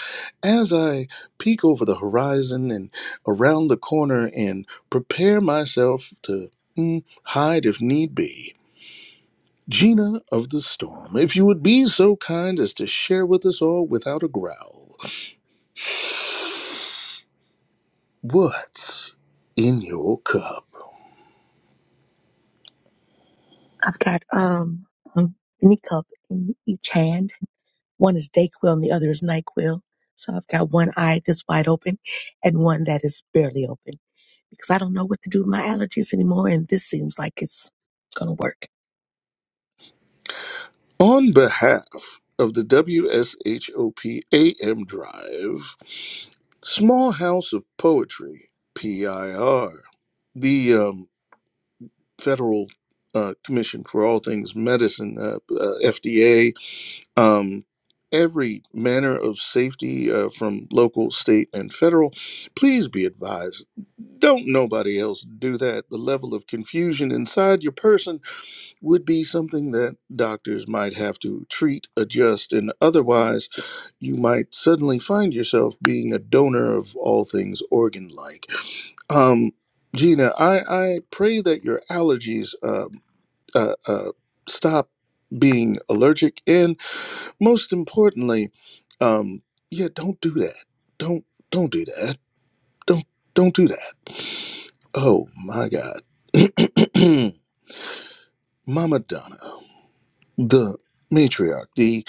Speaker 3: as I peek over the horizon and around the corner and prepare myself to mm, hide if need be. Gina of the Storm, if you would be so kind as to share with us all without a growl, what's in your cup?
Speaker 2: I've got um, um an cup in each hand. One is Dayquil and the other is Nyquil. So I've got one eye that's wide open and one that is barely open because I don't know what to do with my allergies anymore. And this seems like it's gonna work.
Speaker 3: On behalf of the WSHOP AM Drive, Small House of Poetry, PIR, the um, Federal uh, Commission for All Things Medicine, uh, uh, FDA, um, every manner of safety uh, from local, state, and federal, please be advised don't nobody else do that. The level of confusion inside your person would be something that doctors might have to treat, adjust, and otherwise you might suddenly find yourself being a donor of all things organ like. Um, Gina, I, I pray that your allergies uh, uh, uh, stop being allergic, and most importantly, um, yeah, don't do that. Don't don't do that. Don't don't do that. Oh my God, Mama Donna the matriarch, the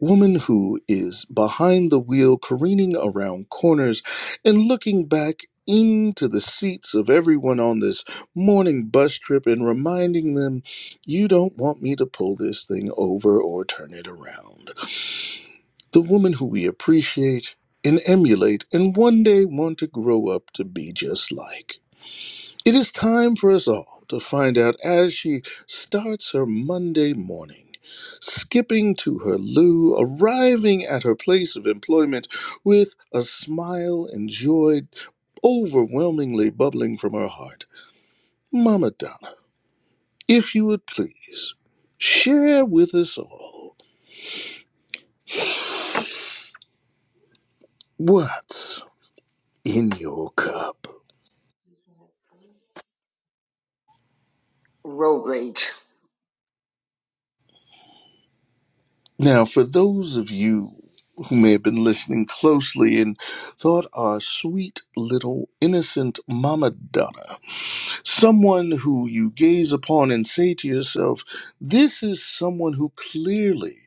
Speaker 3: woman who is behind the wheel, careening around corners and looking back into the seats of everyone on this morning bus trip and reminding them, you don't want me to pull this thing over or turn it around. The woman who we appreciate and emulate and one day want to grow up to be just like. It is time for us all to find out as she starts her Monday morning, skipping to her loo, arriving at her place of employment with a smile and joy overwhelmingly bubbling from her heart. Mama Donna, if you would please, share with us all what's in your cup. Now, for those of you who may have been listening closely and thought our sweet little innocent Mama Donna, someone who you gaze upon and say to yourself, this is someone who clearly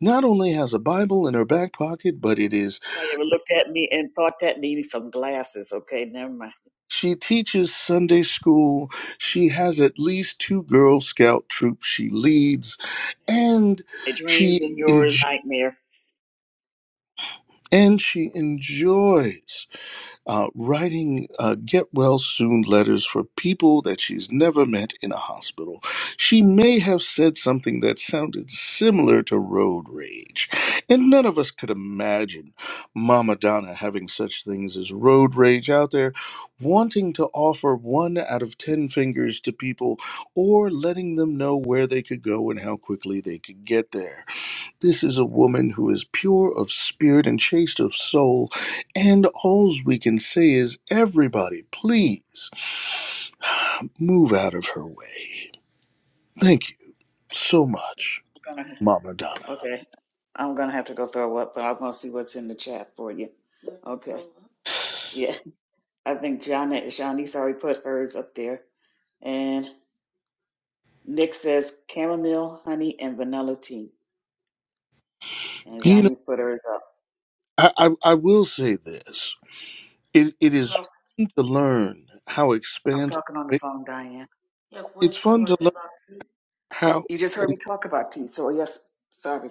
Speaker 3: not only has a Bible in her back pocket, but it is
Speaker 1: Anybody ever looked at me and thought that needed some glasses? Okay, never mind.
Speaker 3: she teaches Sunday school, she has at least two Girl Scout troops she leads, and
Speaker 1: My dreams
Speaker 3: she
Speaker 1: and your
Speaker 3: enjoys
Speaker 1: nightmare.
Speaker 3: and she enjoys uh, writing uh, get well soon letters for people that she's never met in a hospital. She may have said something that sounded similar to road rage, and none of us could imagine Mama Donna having such things as road rage out there, wanting to offer one out of ten fingers to people or letting them know where they could go and how quickly they could get there. This is a woman who is pure of spirit and chaste of soul. And all we can say is, everybody, please move out of her way. Thank you so much,
Speaker 1: I'm gonna,
Speaker 3: Mama Donna.
Speaker 1: okay, I'm gonna have to go throw up, but I'm gonna see what's in the chat for you. Okay, yeah, I think Johnny, Shawnee's already put hers up there, and Nick says chamomile, honey, and vanilla tea. And
Speaker 3: You know,
Speaker 1: Johnny's Twitter is up.
Speaker 3: I, I, I will say this it, it is fun to learn how
Speaker 1: I'm
Speaker 3: expansive,
Speaker 1: talking on the phone, Diane.
Speaker 3: it's fun to learn how.
Speaker 1: You just heard me talk about tea. So, yes, sorry.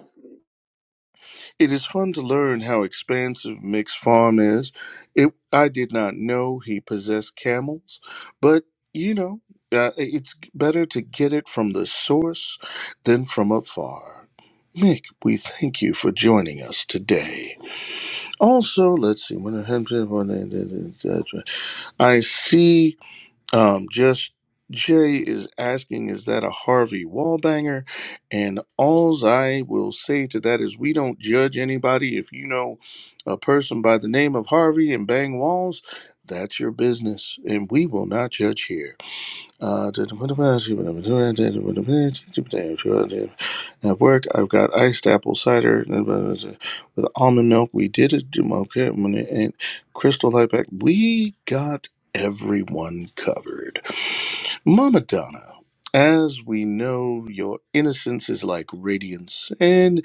Speaker 3: It is fun to learn how expansive Mick's farm is. It, I did not know he possessed camels, but you know, uh, it's better to get it from the source than from afar. Mick, we thank you for joining us today. Also, let's see. I see um, just Jay is asking, is that a Harvey Wallbanger? And alls I will say to that is, we don't judge anybody. If you know a person by the name of Harvey and bang walls, that's your business, and we will not judge here. Uh, at work, I've got iced apple cider with almond milk. We did it, okay, and Crystal Light Pack. We got everyone covered. Mama Donna, as we know, your innocence is like radiance, and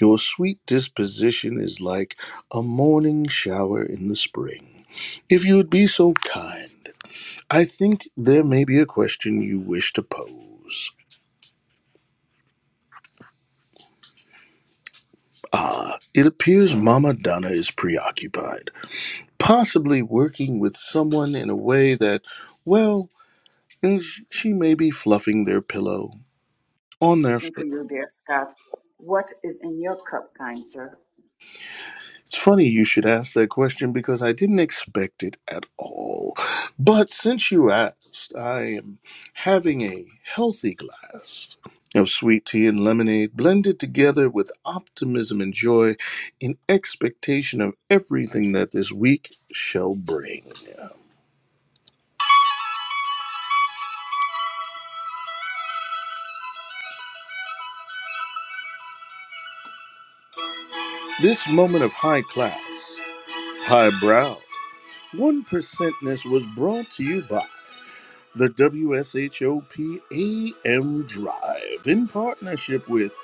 Speaker 3: your sweet disposition is like a morning shower in the spring. If you would be so kind, I think there may be a question you wish to pose. Ah, it appears Mama Donna is preoccupied, possibly working with someone in a way that, well, is- she may be fluffing their pillow on their
Speaker 1: And
Speaker 3: face
Speaker 1: for you, dear Scott. What is in your cup, kind sir?
Speaker 3: It's funny you should ask that question because I didn't expect it at all. But since you asked, I am having a healthy glass of sweet tea and lemonade blended together with optimism and joy in expectation of everything that this week shall bring. This moment of high class, high brow, one percentness was brought to you by the W S H O P A M Drive in partnership with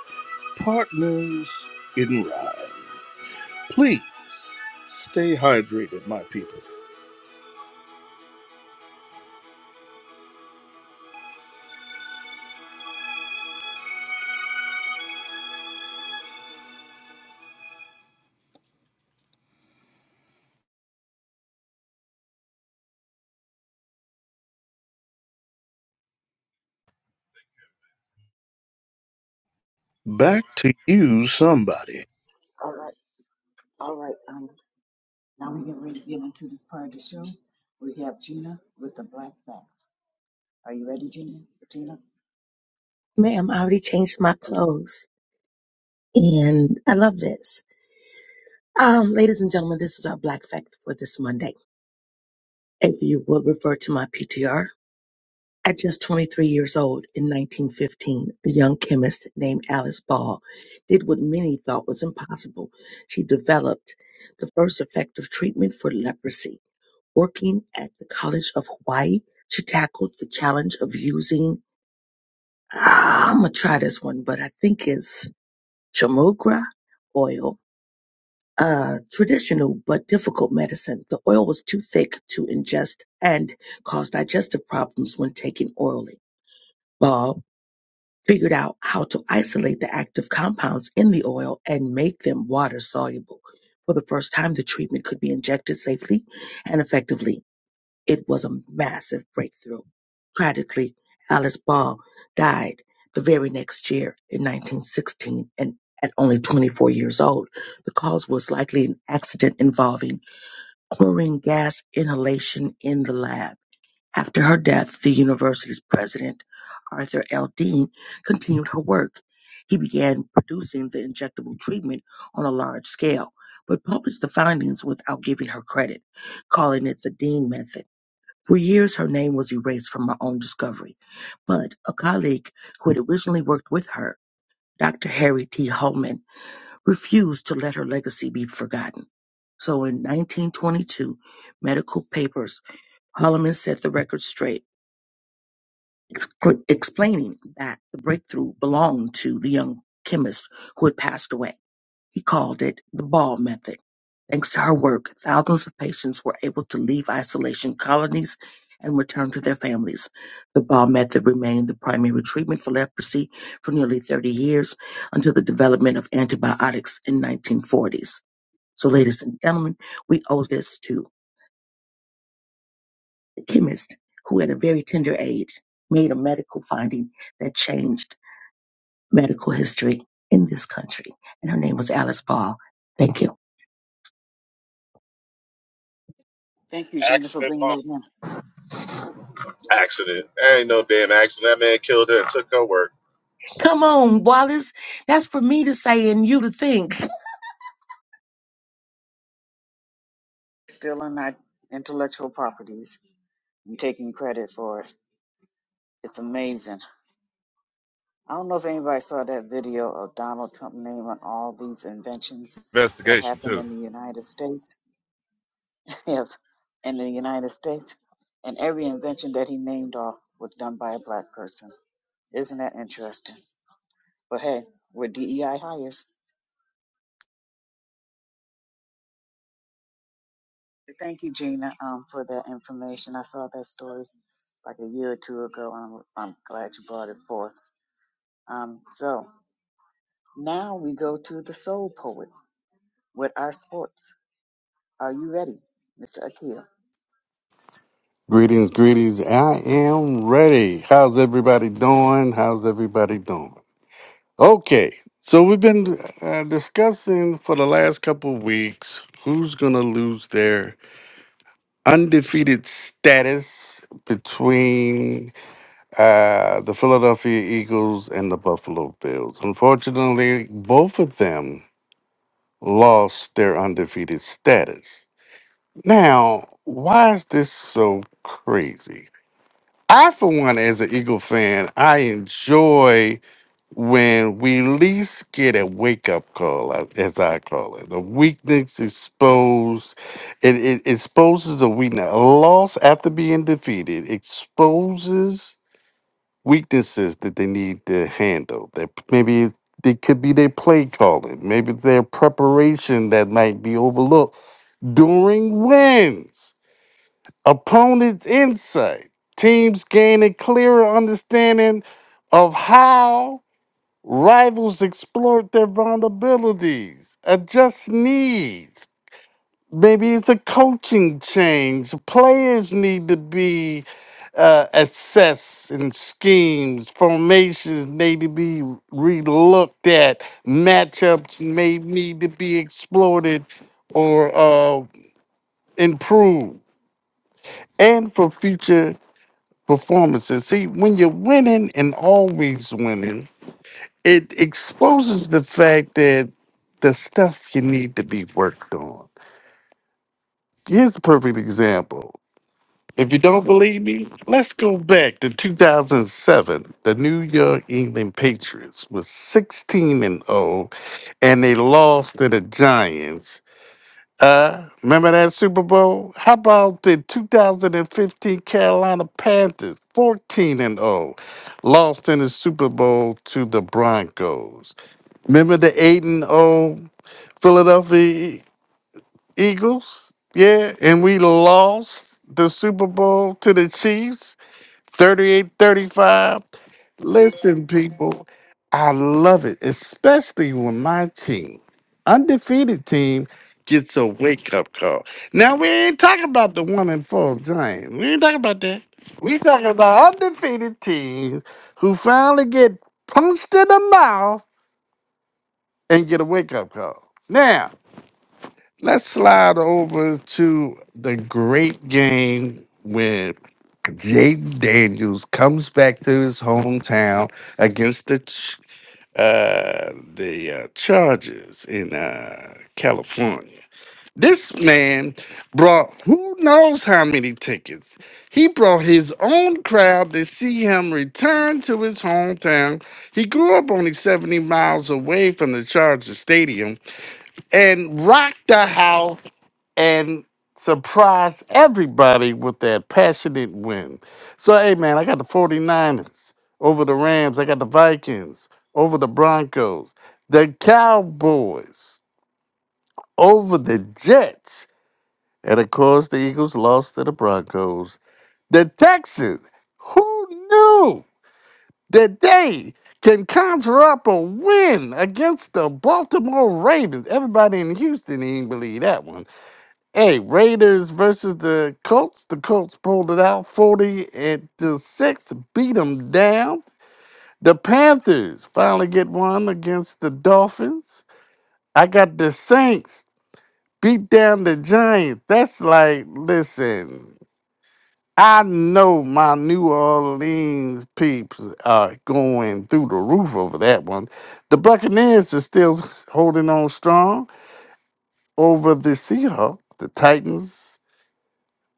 Speaker 3: Partners in Rhyme, please stay hydrated, my people. Back to you, somebody.
Speaker 1: All right. All right. Um, now we get ready to get into this part of the show. We have Gina with the Black Facts. Are you ready, Gina? Gina?
Speaker 2: Ma'am, I already changed my clothes and I love this. Um, ladies and gentlemen, this is our black fact for this Monday. If you will refer to my PTR, At just 23 years old in 1915, the young chemist named Alice Ball did what many thought was impossible. She developed the first effective treatment for leprosy. Working at the College of Hawaii, she tackled the challenge of using, ah, I'm going to try this one, but I think it's chamogra oil, a traditional but difficult medicine. The oil was too thick to ingest and caused digestive problems when taken orally. Ball. figured out how to isolate the active compounds in the oil and make them water soluble. For the first time, the treatment could be injected safely and effectively. It was a massive breakthrough. Tragically, Alice Ball died the very next year in 1916 and at only 24 years old. The cause was likely an accident involving chlorine gas inhalation in the lab. After her death, the university's president, Arthur L. Dean, continued her work. He began producing the injectable treatment on a large scale, but published the findings without giving her credit, calling it the Dean method. For years, her name was erased from her own discovery, but a colleague who had originally worked with her, Dr. Harry T. Holman, refused to let her legacy be forgotten. So in 1922, Medical Papers, Holloman set the record straight excla- explaining that the breakthrough belonged to the young chemist who had passed away. He called it the Ball Method. Thanks to her work, thousands of patients were able to leave isolation colonies and return to their families. The Ball Method remained the primary treatment for leprosy for nearly 30 years until the development of antibiotics in 1940s. So, ladies and gentlemen, we owe this to the chemist who, at a very tender age, made a medical finding that changed medical history in this country. And her name was Alice Ball. Thank you.
Speaker 1: Thank you, Gina, for
Speaker 4: accident.
Speaker 1: bringing that in.
Speaker 4: Accident. That ain't no damn accident. That man killed her and took her work.
Speaker 2: Come on, Wallace. That's for me to say and you to think.
Speaker 1: Still on our intellectual properties. you taking credit for it. It's amazing. I don't know if anybody saw that video of Donald Trump naming all these inventions that
Speaker 5: Investigation
Speaker 1: happened
Speaker 5: too.
Speaker 1: in the United States. yes, in the United States. And every invention that he named off was done by a black person. Isn't that interesting? But hey, we're DEI hires. Thank you, Gina, um, for that information. I saw that story like a year or two ago. and I'm, I'm glad you brought it forth. Um, so now we go to the soul poet with our sports. Are you ready, Mr. Akil?
Speaker 6: Greetings, greetings. I am ready. How's everybody doing? How's everybody doing? Okay, so we've been uh, discussing for the last couple of weeks who's going to lose their undefeated status between uh, the Philadelphia Eagles and the Buffalo Bills. Unfortunately, both of them lost their undefeated status. Now, why is this so crazy? I, for one, as an Eagle fan, I enjoy when we at least get a wake up call, a- as I call it. A weakness exposed, it, it exposes a weakness. A loss after being defeated exposes weaknesses that they need to handle. That maybe it could be their play calling, maybe their preparation that might be overlooked during wins. Opponents' insight. Teams gain a clearer understanding of how rivals exploit their vulnerabilities, adjust needs. Maybe it's a coaching change. Players need to be uh, assessed and schemes, formations need to be relooked at, matchups may need to be exploited or uh, improved. And for future performances. See, when you're winning and always winning, it exposes the fact that the stuff you need to be worked on. Here's a perfect example. If you don't believe me, let's go back to 2007. The New York England Patriots was 16 and 0 and they lost to the Giants Uh, remember that Super Bowl? How about the 2015 Carolina Panthers, 14 and 0, lost in the Super Bowl to the Broncos? Remember the 8 and 0 Philadelphia E- Eagles? Yeah, and we lost the Super Bowl to the Chiefs 3835. Listen, people, I love it, especially when my team, undefeated team, gets a wake up call. Now we ain't talking about the one and four giant. We ain't talking about that. We talking about undefeated teams who finally get punched in the mouth and get a wake up call. Now Let's slide over to the great game where Jaden Daniels comes back to his hometown against the Ch- uh, the uh, Chargers in uh, California. This man brought who knows how many tickets. He brought his own crowd to see him return to his hometown. He grew up only 70 miles away from the Chargers Stadium and rocked the house and surprise everybody with that passionate win. So, hey, man, I got the 49ers over the Rams. I got the Vikings over the Broncos, the Cowboys over the Jets. And of course, the Eagles lost to the Broncos. The Texans, who knew that they can conjure up a win against the Baltimore Ravens? Everybody in Houston didn't believe that one. Hey, Raiders versus the Colts. The Colts pulled it out 40 and to 6, beat them down. The Panthers finally get one against the Dolphins. I got the Saints beat down the Giants. That's like, listen, I know my New Orleans peeps are going through the roof over that one. The Buccaneers are still holding on strong over the Seahawks. The Titans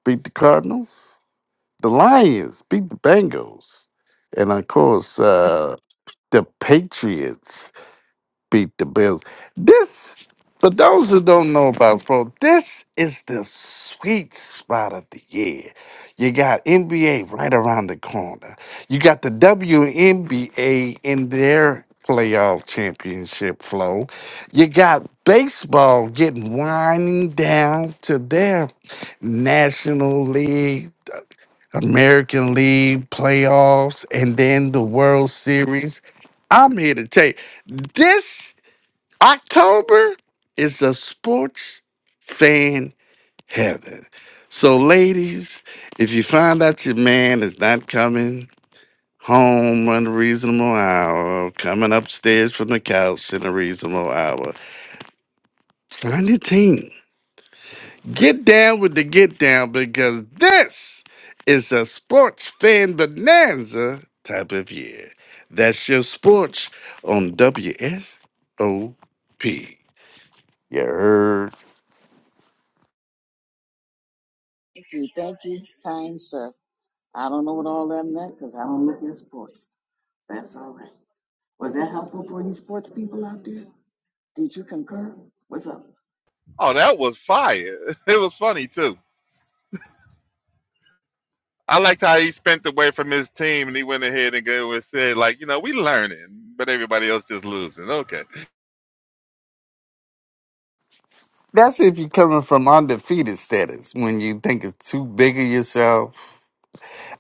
Speaker 6: beat the Cardinals. the Lions beat the Bengals, and of course, uh, the Patriots beat the Bills. This, for those who don't know about sports, this is the sweet spot of the year. You got NBA right around the corner. You got the WNBA in their playoff championship flow. You got baseball getting winding down to their National League American League playoffs, and then the World Series. I'm here to tell you this October is a sports fan heaven. So, ladies, if you find out your man is not coming home on a reasonable hour, coming upstairs from the couch in a reasonable hour, sign your team Get down with the get down because this is a sports fan bonanza type of year. That's your sports on WSOP. You heard?
Speaker 1: Thank you, thank you, kind sir. I don't know what all that meant because I don't look at sports. That's all right. Was that helpful for any sports people out there? Did you concur? What's up?
Speaker 5: Oh, that was fire! It was funny too. I liked how he spent away from his team, and he went ahead and go and said, like, you know, we learning, but everybody else just losing. Okay,
Speaker 6: That's if you're coming from undefeated status when you think it's too big of yourself.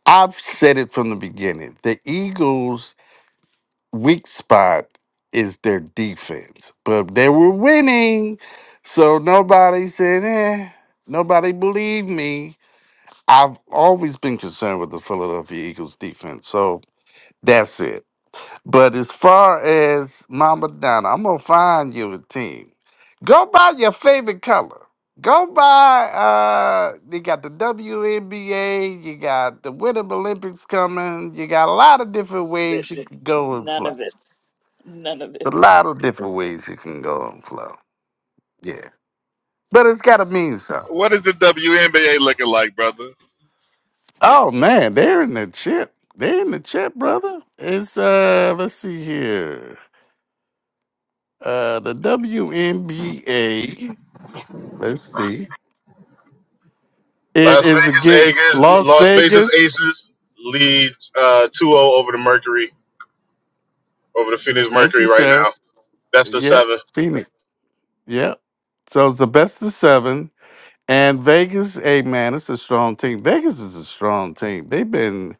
Speaker 6: I've said it from the beginning. The Eagles' weak spot is their defense, but they were winning, so nobody said, eh, nobody believed me I've always been concerned with the Philadelphia Eagles defense, so that's it. But as far as Mama Donna, I'm gonna find you a team. Go buy your favorite color. Go buy. Uh, you got the WNBA. You got the Winter Olympics coming. You got a lot of different ways you can go and flow. A lot of different ways you can go and flow. Yeah, but it's gotta mean something.
Speaker 5: what is the WNBA looking like, brother?
Speaker 6: Oh man, they're in the chip. They're in the chip, brother. It's uh let's see here. Uh the WNBA. Let's see. It
Speaker 4: Las
Speaker 6: is
Speaker 4: Vegas
Speaker 6: against
Speaker 4: Aces,
Speaker 6: Las
Speaker 4: Las Vegas
Speaker 6: Vegas.
Speaker 4: Aces leads uh, 2 oh over the Mercury, over the Phoenix
Speaker 6: Thank
Speaker 4: Mercury
Speaker 6: you,
Speaker 4: right
Speaker 6: sir.
Speaker 4: now. That's the
Speaker 6: Yep.
Speaker 4: seven.
Speaker 6: Phoenix. Yep. So it's the best of seven. And Vegas, hey man, it's a strong team. Vegas is a strong team. They've been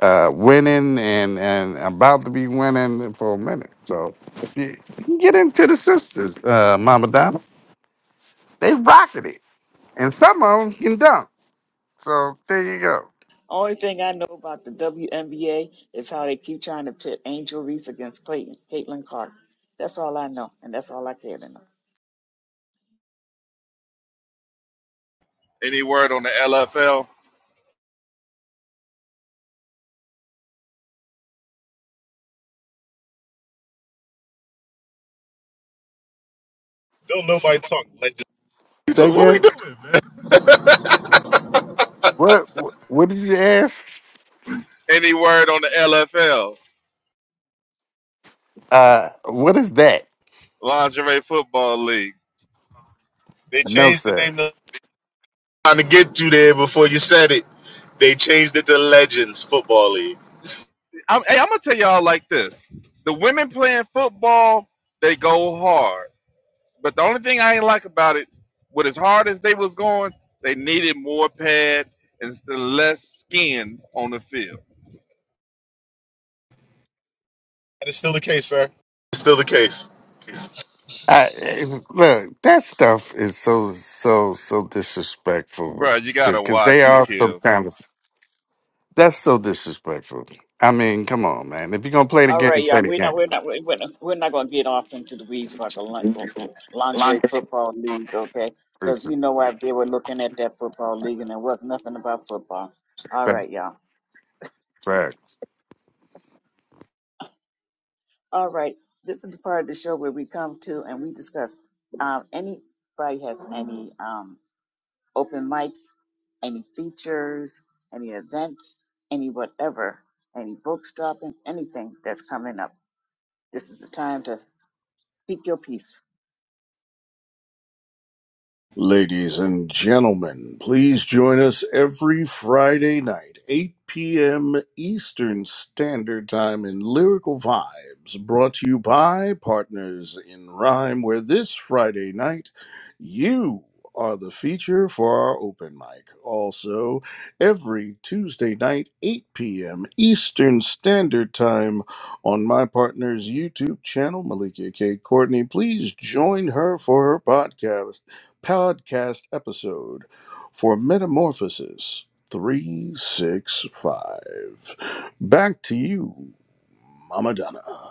Speaker 6: uh, winning and, and about to be winning for a minute. So if you, you can get into the sisters, uh, Mama Donna. They rocking it, and some of them can dunk. So there you go.
Speaker 1: Only thing I know about the WNBA is how they keep trying to pit Angel Reese against Clayton, Caitlin Clark. That's all I know, and that's all I care to know.
Speaker 5: Any word on the LFL?
Speaker 4: Don't nobody talk. Legends.
Speaker 6: Say
Speaker 4: So what we
Speaker 6: again.
Speaker 4: doing, man?
Speaker 6: What? What did you ask?
Speaker 5: Any word on the LFL?
Speaker 6: Uh, what is that?
Speaker 5: Lingerie Football League.
Speaker 4: They
Speaker 6: No,
Speaker 4: changed the
Speaker 6: sir.
Speaker 4: name to Trying to get you there before you said it. They changed it to Legends Football League.
Speaker 5: I'm, hey, I'm gonna tell y'all like this: the women playing football, they go hard. But the only thing I ain't like about it, with as hard as they was going, they needed more pad and s- less skin on the field.
Speaker 4: that is still the case, sir. It's still the case.
Speaker 6: I, eh, look, that stuff is so so so disrespectful
Speaker 5: Bruh, you
Speaker 6: to
Speaker 5: gotta
Speaker 6: because they
Speaker 5: watch it,
Speaker 6: are some
Speaker 5: Akil.
Speaker 6: kind of that's so disrespectful. I mean, come on, man. If you're gonna play the
Speaker 1: All right,
Speaker 6: game, play
Speaker 1: y'all.
Speaker 6: the
Speaker 1: We're
Speaker 6: game.
Speaker 1: not. We're not. We're not. We're not going to get off into the weeds about the lin- lingerie football league, okay? Because
Speaker 6: It's
Speaker 1: we
Speaker 6: a
Speaker 1: know out there we're looking at that football league, and there was nothing about football. All right, y'all.
Speaker 6: fact.
Speaker 1: All right. This is the part of the show where we come to and we discuss. Um, anybody has any um, open mics, any features, any events, any whatever, any books dropping, anything that's coming up. This is the time to speak your piece.
Speaker 3: Ladies and gentlemen, please join us every Friday night, 8 p.m. Eastern Standard Time in Lyrical Vibes, brought to you by Partners in Rhyme, where this Friday night you are the feature for our open mic. Also, every Tuesday night, 8 p.m. Eastern Standard Time on my partner's YouTube channel, Malikia K. Courtney. Please join her for her podcast podcast episode for Metamorphosis 365. Back to you, Mama Donna.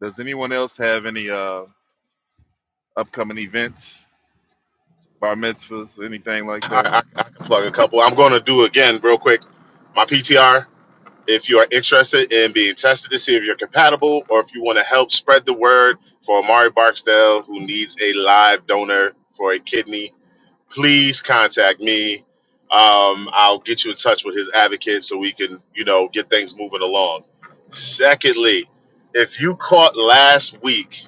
Speaker 5: Does anyone else have any uh upcoming events, bar mitzvahs, anything like that?
Speaker 4: I, I, I can plug a couple. I'm going to do again real quick. My PTR. If you are interested in being tested to see if you're compatible, or if you want to help spread the word for Amari Barksdale, who needs a live donor for a kidney, please contact me. Um, I'll get you in touch with his advocate so we can, you know, get things moving along. Secondly, if you caught last week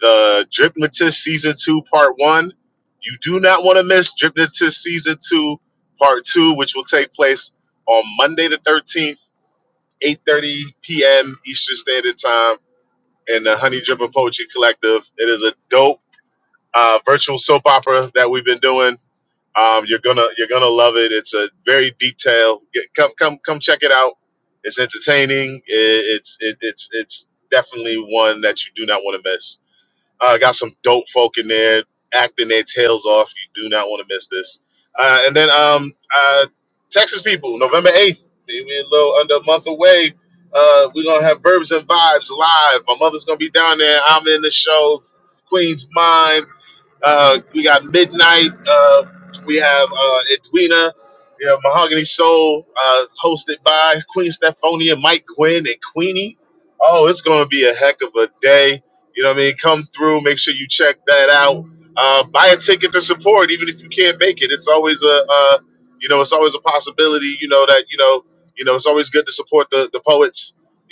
Speaker 4: the Dripnotist Season 2 Part 1, you do not want to miss Dripnotist Season 2 Part 2, which will take place on Monday the 13th 8.30 p.m. Eastern Standard Time in the Honey Dripper Poetry Collective. It is a dope uh, virtual soap opera that we've been doing. Um, you're gonna you're gonna love it. It's a very detailed. Get, come come come check it out. It's entertaining. It, it's it, it's it's definitely one that you do not want to miss. Uh, got some dope folk in there acting their tails off. You do not want to miss this. Uh, and then um, uh, Texas people, November 8th, we we a little under a month away. Uh, we're going to have Verbs and Vibes live. My mother's going to be down there. I'm in the show. Queen's Mind. Uh, we got Midnight. Uh, we have uh, Edwina. You know, Mahogany Soul, uh, hosted by Queen Stephonia, Mike Quinn, and Queenie. Oh, it's going to be a heck of a day. You know what I mean? Come through. Make sure you check that out. Uh, buy a ticket to support, even if you can't make it. It's always a, uh, you know, it's always a possibility. You know that you know, you know, it's always good to support the the poets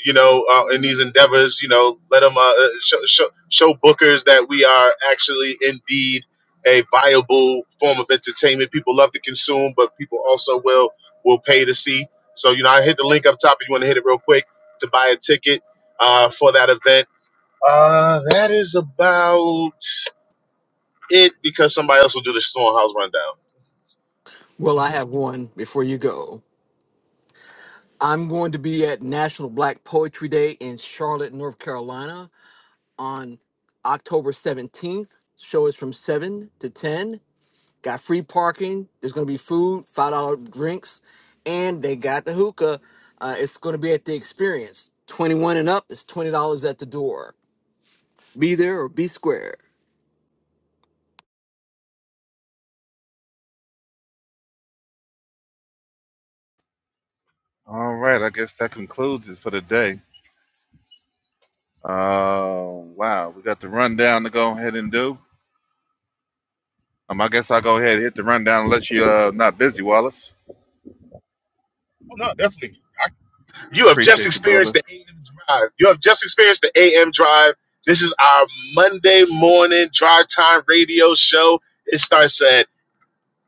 Speaker 4: you know, uh, in these endeavors, you know, let them uh, uh, show, show, show bookers that we are actually indeed a viable form of entertainment. People love to consume, but people also will will pay to see. So, you know, I hit the link up top if you want to hit it real quick to buy a ticket uh, for that event. Uh, that is about it because somebody else will do the Stonehouse rundown.
Speaker 11: Well, I
Speaker 4: Mhm.
Speaker 11: have one before you go. I'm going to be at National Black Poetry Day in Charlotte, North Carolina on October 17th. Show is from 7 to 10. Got free parking. There's going to be food, $5 drinks, and they got the hookah. Uh, it's going to be at the experience. 21 and up is $20 at the door. Be there or be square.
Speaker 5: All right, I guess that concludes it for the day. Uh, wow, we got the rundown to go ahead and do. Um, I guess I'll go ahead and hit the rundown unless you're uh, not busy, Wallace.
Speaker 4: Oh no, definitely. I You have just
Speaker 5: Appreciate you,
Speaker 4: experienced
Speaker 5: brother.
Speaker 4: the AM drive. You have just experienced the AM drive. This is our Monday morning drive time radio show. It starts at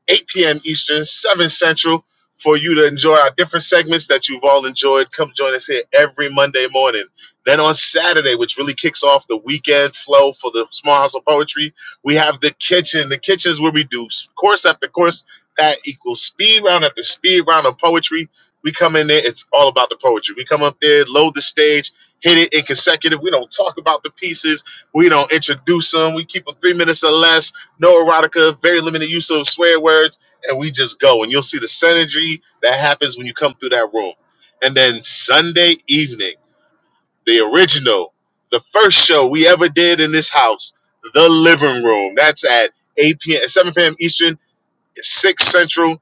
Speaker 4: 8 p.m. Eastern, 7 Central, for you to enjoy our different segments that you've all enjoyed. Come join us here every Monday morning. Then on Saturday, which really kicks off the weekend flow for the Small House of Poetry, we have the kitchen. The kitchen is where we do course after course that equals speed round after speed round of poetry. We come in there, it's all about the poetry. We come up there, load the stage, hit it in consecutive. We don't talk about the pieces, we don't introduce them. We keep them three minutes or less no erotica, very limited use of swear words, and we just go. And you'll see the synergy that happens when you come through that room. And then Sunday evening, the original, the first show we ever did in this house, the living room. That's at 8 p.m. 7 p.m. Eastern, 6 Central.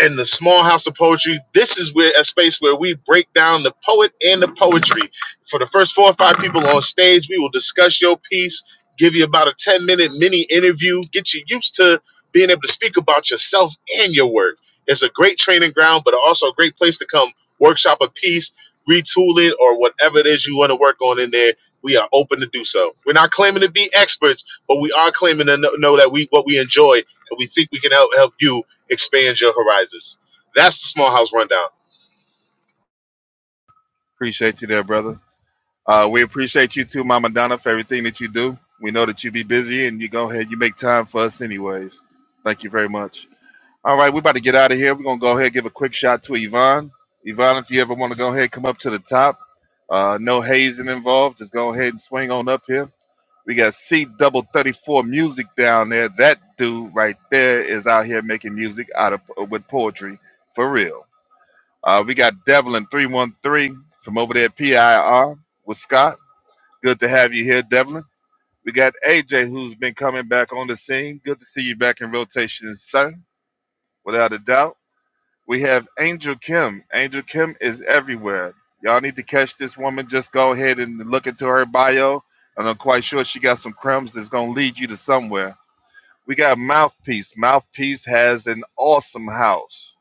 Speaker 4: In the small house of poetry. This is where a space where we break down the poet and the poetry. For the first four or five people on stage, we will discuss your piece, give you about a 10 minute mini interview, get you used to being able to speak about yourself and your work. It's a great training ground, but also a great place to come workshop a piece, retool it, or whatever it is you want to work on in there. We are open to do so. We're not claiming to be experts, but we are claiming to know, know that we what we enjoy and we think we can help help you Expand your horizons. That's the small house rundown.
Speaker 5: Appreciate you there, brother. Uh, we appreciate you too, Mama Donna, for everything that you do. We know that you be busy and you go ahead, you make time for us anyways. Thank you very much. All right, we're about to get out of here. We're going to go ahead and give a quick shout to Yvonne. Yvonne, if you ever want to go ahead, come up to the top. Uh, no hazing involved. Just go ahead and swing on up here. We got C double thirty four music down there. That dude right there is out here making music out of uh, with poetry for real. Uh, we got Devlin three one three from over there at PIR with Scott. Good to have you here, Devlin. We got AJ who's been coming back on the scene. Good to see you back in rotation, sir. Without a doubt. We have Angel Kim. Angel Kim is everywhere. Y'all need to catch this woman. Just go ahead and look into her bio. And I'm quite sure she got some crumbs that's going to lead you to somewhere. We got Mouthpiece. Mouthpiece has an awesome house.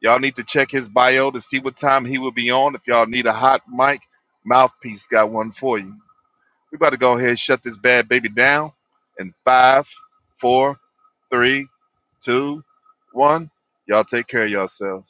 Speaker 5: Y'all need to check his bio to see what time he will be on. If y'all need a hot mic, Mouthpiece got one for you. We about to go ahead and shut this bad baby down in five, four, three, two, one. Y'all take care of yourselves.